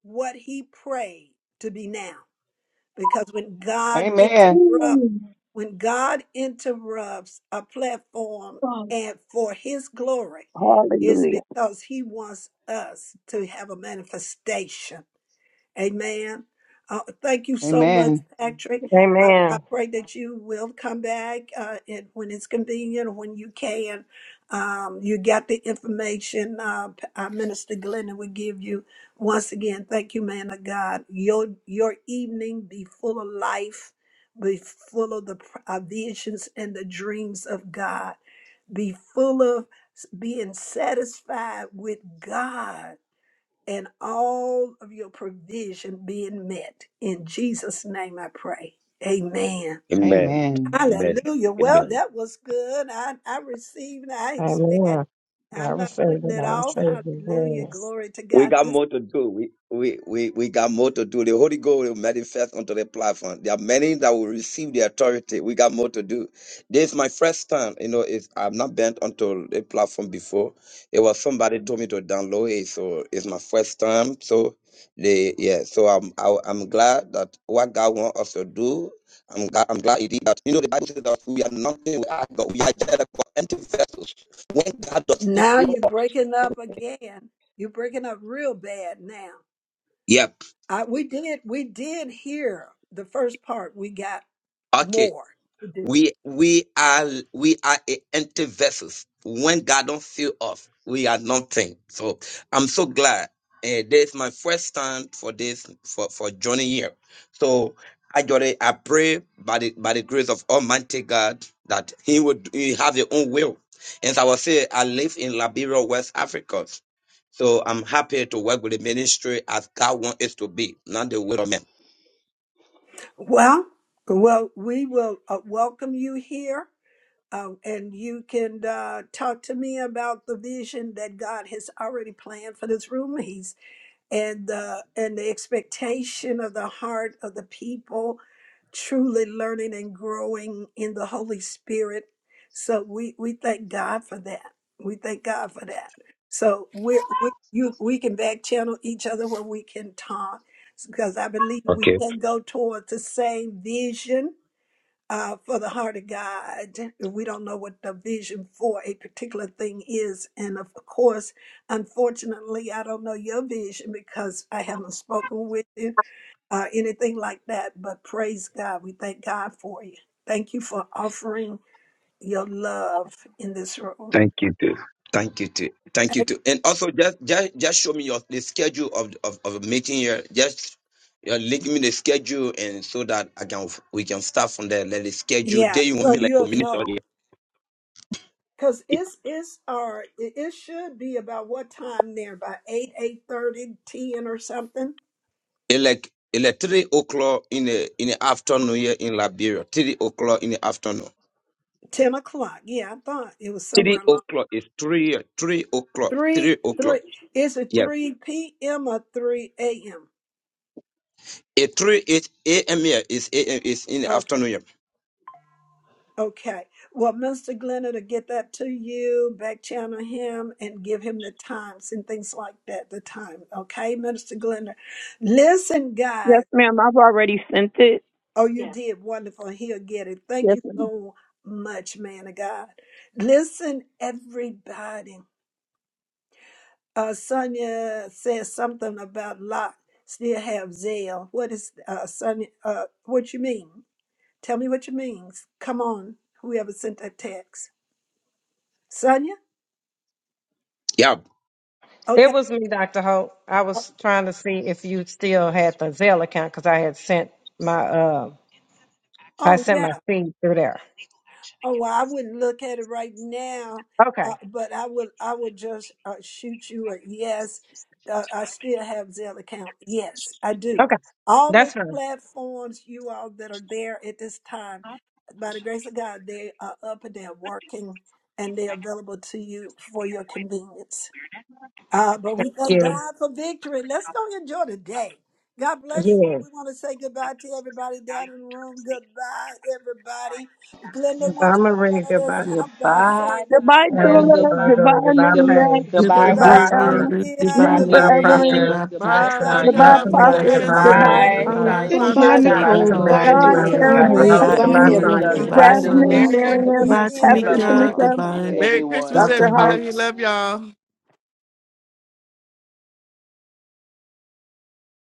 what he prayed to be now. Because when God Amen. interrupts, Amen. when God interrupts a platform and for his glory, is Hallelujah. because he wants us to have a manifestation Amen. Uh, thank you so much, Amen. Patrick. I, I Amen. pray that you will come back uh, and when it's convenient or when you can. Um, you got the information uh, P- uh, Minister Glennon will give you. Once again, thank you, man of God. Your your evening be full of life, be full of the pr- uh, visions and the dreams of God. Be full of s- being satisfied with God and all of your provision being met. In Jesus' name I pray. Amen. Amen. Amen. Amen. Hallelujah. Amen. Well, that was good. I, I received, and I Amen. expect. I I'm not receive putting it. it I off. receive it. Hallelujah. Yes. Glory to We God. got This- more to do. We, we, we, we got more to do. The Holy Ghost will manifest onto the platform. There are many that will receive the authority. We got more to do. This is my first time. You know, it's, I've not been onto the platform before. It was somebody told me to download it, so it's my first time. So they, yeah. So I'm, I, I'm glad that what God wants us to do. I'm glad, I'm glad he did that. You know, the Bible says that we are nothing without God. We are just like empty vessels. When God does, he Now fill you're us. breaking up again. You're breaking up real bad now. Yep. I, we did we did hear the first part. We got Okay. more to do. We we are we are a empty vessels. When God don't fill us, we are nothing. So I'm so glad. Uh, this is my first time for this for for joining here. So I got it. I pray by the by the grace of Almighty God that He would he have His own will. As I was saying, I live in Liberia, West Africa. So I'm happy to work with the ministry as God wants it to be, not the will of men. Well, well, we will uh, welcome you here. uh, and you can uh, talk to me about the vision that God has already planned for this room. He's and the and the expectation of the heart of the people, truly learning and growing in the Holy Spirit. So we we thank God for that. We thank God for that. So we we you we can back channel each other where we can talk because I believe we can go toward the same vision uh, for the heart of God. We don't know what the vision for a particular thing is. And of course, unfortunately, I don't know your vision because I haven't spoken with you or anything like that. But praise God. We thank God for you. Thank you for offering your love in this room. Thank you, too. Thank you too. Thank you too. And also, just just just show me your the schedule of of, of a meeting here. Just you know, link me the schedule, and so that I can we can start from there. Let the schedule. Yeah, Day you want so me like a you'll minute or know. Cause it it's it's or it it should be about what time there? by eight, eight thirty, ten or something like it like three o'clock in the in the afternoon here in Liberia. Three o'clock in the afternoon. Ten o'clock. Yeah, I thought it was somewhere Three along o'clock is three three o'clock. three Three o'clock. three. Is it Yeah. three p.m. or three a.m.? It three eight a.m. here is a.m. is in the afternoon Okay, here. okay. Well, Mr. Glennon will get that to you, back channel him, and give him the times and things like that. The time, okay, Mister Glennon. Listen, Yes, guys. ma'am. I've already sent it. Oh, you Yes. did wonderful. He'll get it. Thank Yes, you ma'am. so much, man of God. Listen, everybody. Uh, Sonia says something about Lot still have zeal. What is uh, Sonia? Uh, what you mean? Tell me what you means. Come on, whoever sent that text, Sonia. Yeah. It Okay. was me, Dr. Hope. I was trying to see if you still had the Zelle account because I had sent my uh I Oh, sent yes. my feed through there. Oh, well, I wouldn't look at it right now, uh, Okay. but I would I would just uh, shoot you a yes. Uh, I still have Zelle account. Yes, I do. Okay. All those That's fine. platforms you all that are there at this time, by the grace of God, they are up and they're working and they're available to you for your convenience. Uh, but Thank we thank you. God for victory. Let's go enjoy the day. God bless you. Yeah. We want to say goodbye to everybody down in the room. Goodbye, everybody. Glenda Goodbye, wants to Marie. start us Goodbye, out by Goodbye, saying Goodbye, goodbye. Sonda. Evan. Dula. Goodbye, Goodbye, Joy. Goodbye, Marie. Goodbye, Maria. Good, Paige. Goodbye, goodbye, Goodbye, Goodbye, Goodbye, Julia. Tara. um, Prophet. Maria. Goodbye, Goodbye, Minister Goodbye, Maria. Goodbye. Evelyn. Prophet. Miriam. Goodbye, Patrick. Goodbye, Bye. Goodbye, Love Goodbye, Goodbye, y'all. Sonia. Be Tamika. Tamia. Goodbye, Goodbye, Prophet. Goodbye, blessed. Sandra. Goodbye, Marie. Glenda. Goodbye, um, Miriam, Goodbye, Sonia. Goodbye, Prophet Goodbye, Sonja. Goodbye, Dr. Peggy. Nicole. Shonda, Goodbye, Hope. Goodbye, Tamika. Goodbye, Peggy, Have Duke. Goodbye, an Miriam. Sharon, Tara, Goodbye, Dr. Dr. Goodbye, Marie. Hope. Howard, Goodbye, Goodbye, Evelyn, Peggy, Goodbye, Evelyn. amazing Evelyn. Tamika. Goodbye, Tamika, Goodbye, Goodbye, weekend. Prophetic. Sonia. Dula. Jasmine, Goodbye, This Sonda. room Miriam, Miriam, is Goodbye, Goodbye, Minister Frank. Have a Pastor Goodbye, ending. Glenda. Tamika. great Charles. Tamika, Goodbye, Goodbye, weekend, Merry Peggy. Christmas, everyone. Dr. Dr. everybody. Holt. Goodbye. Love y'all.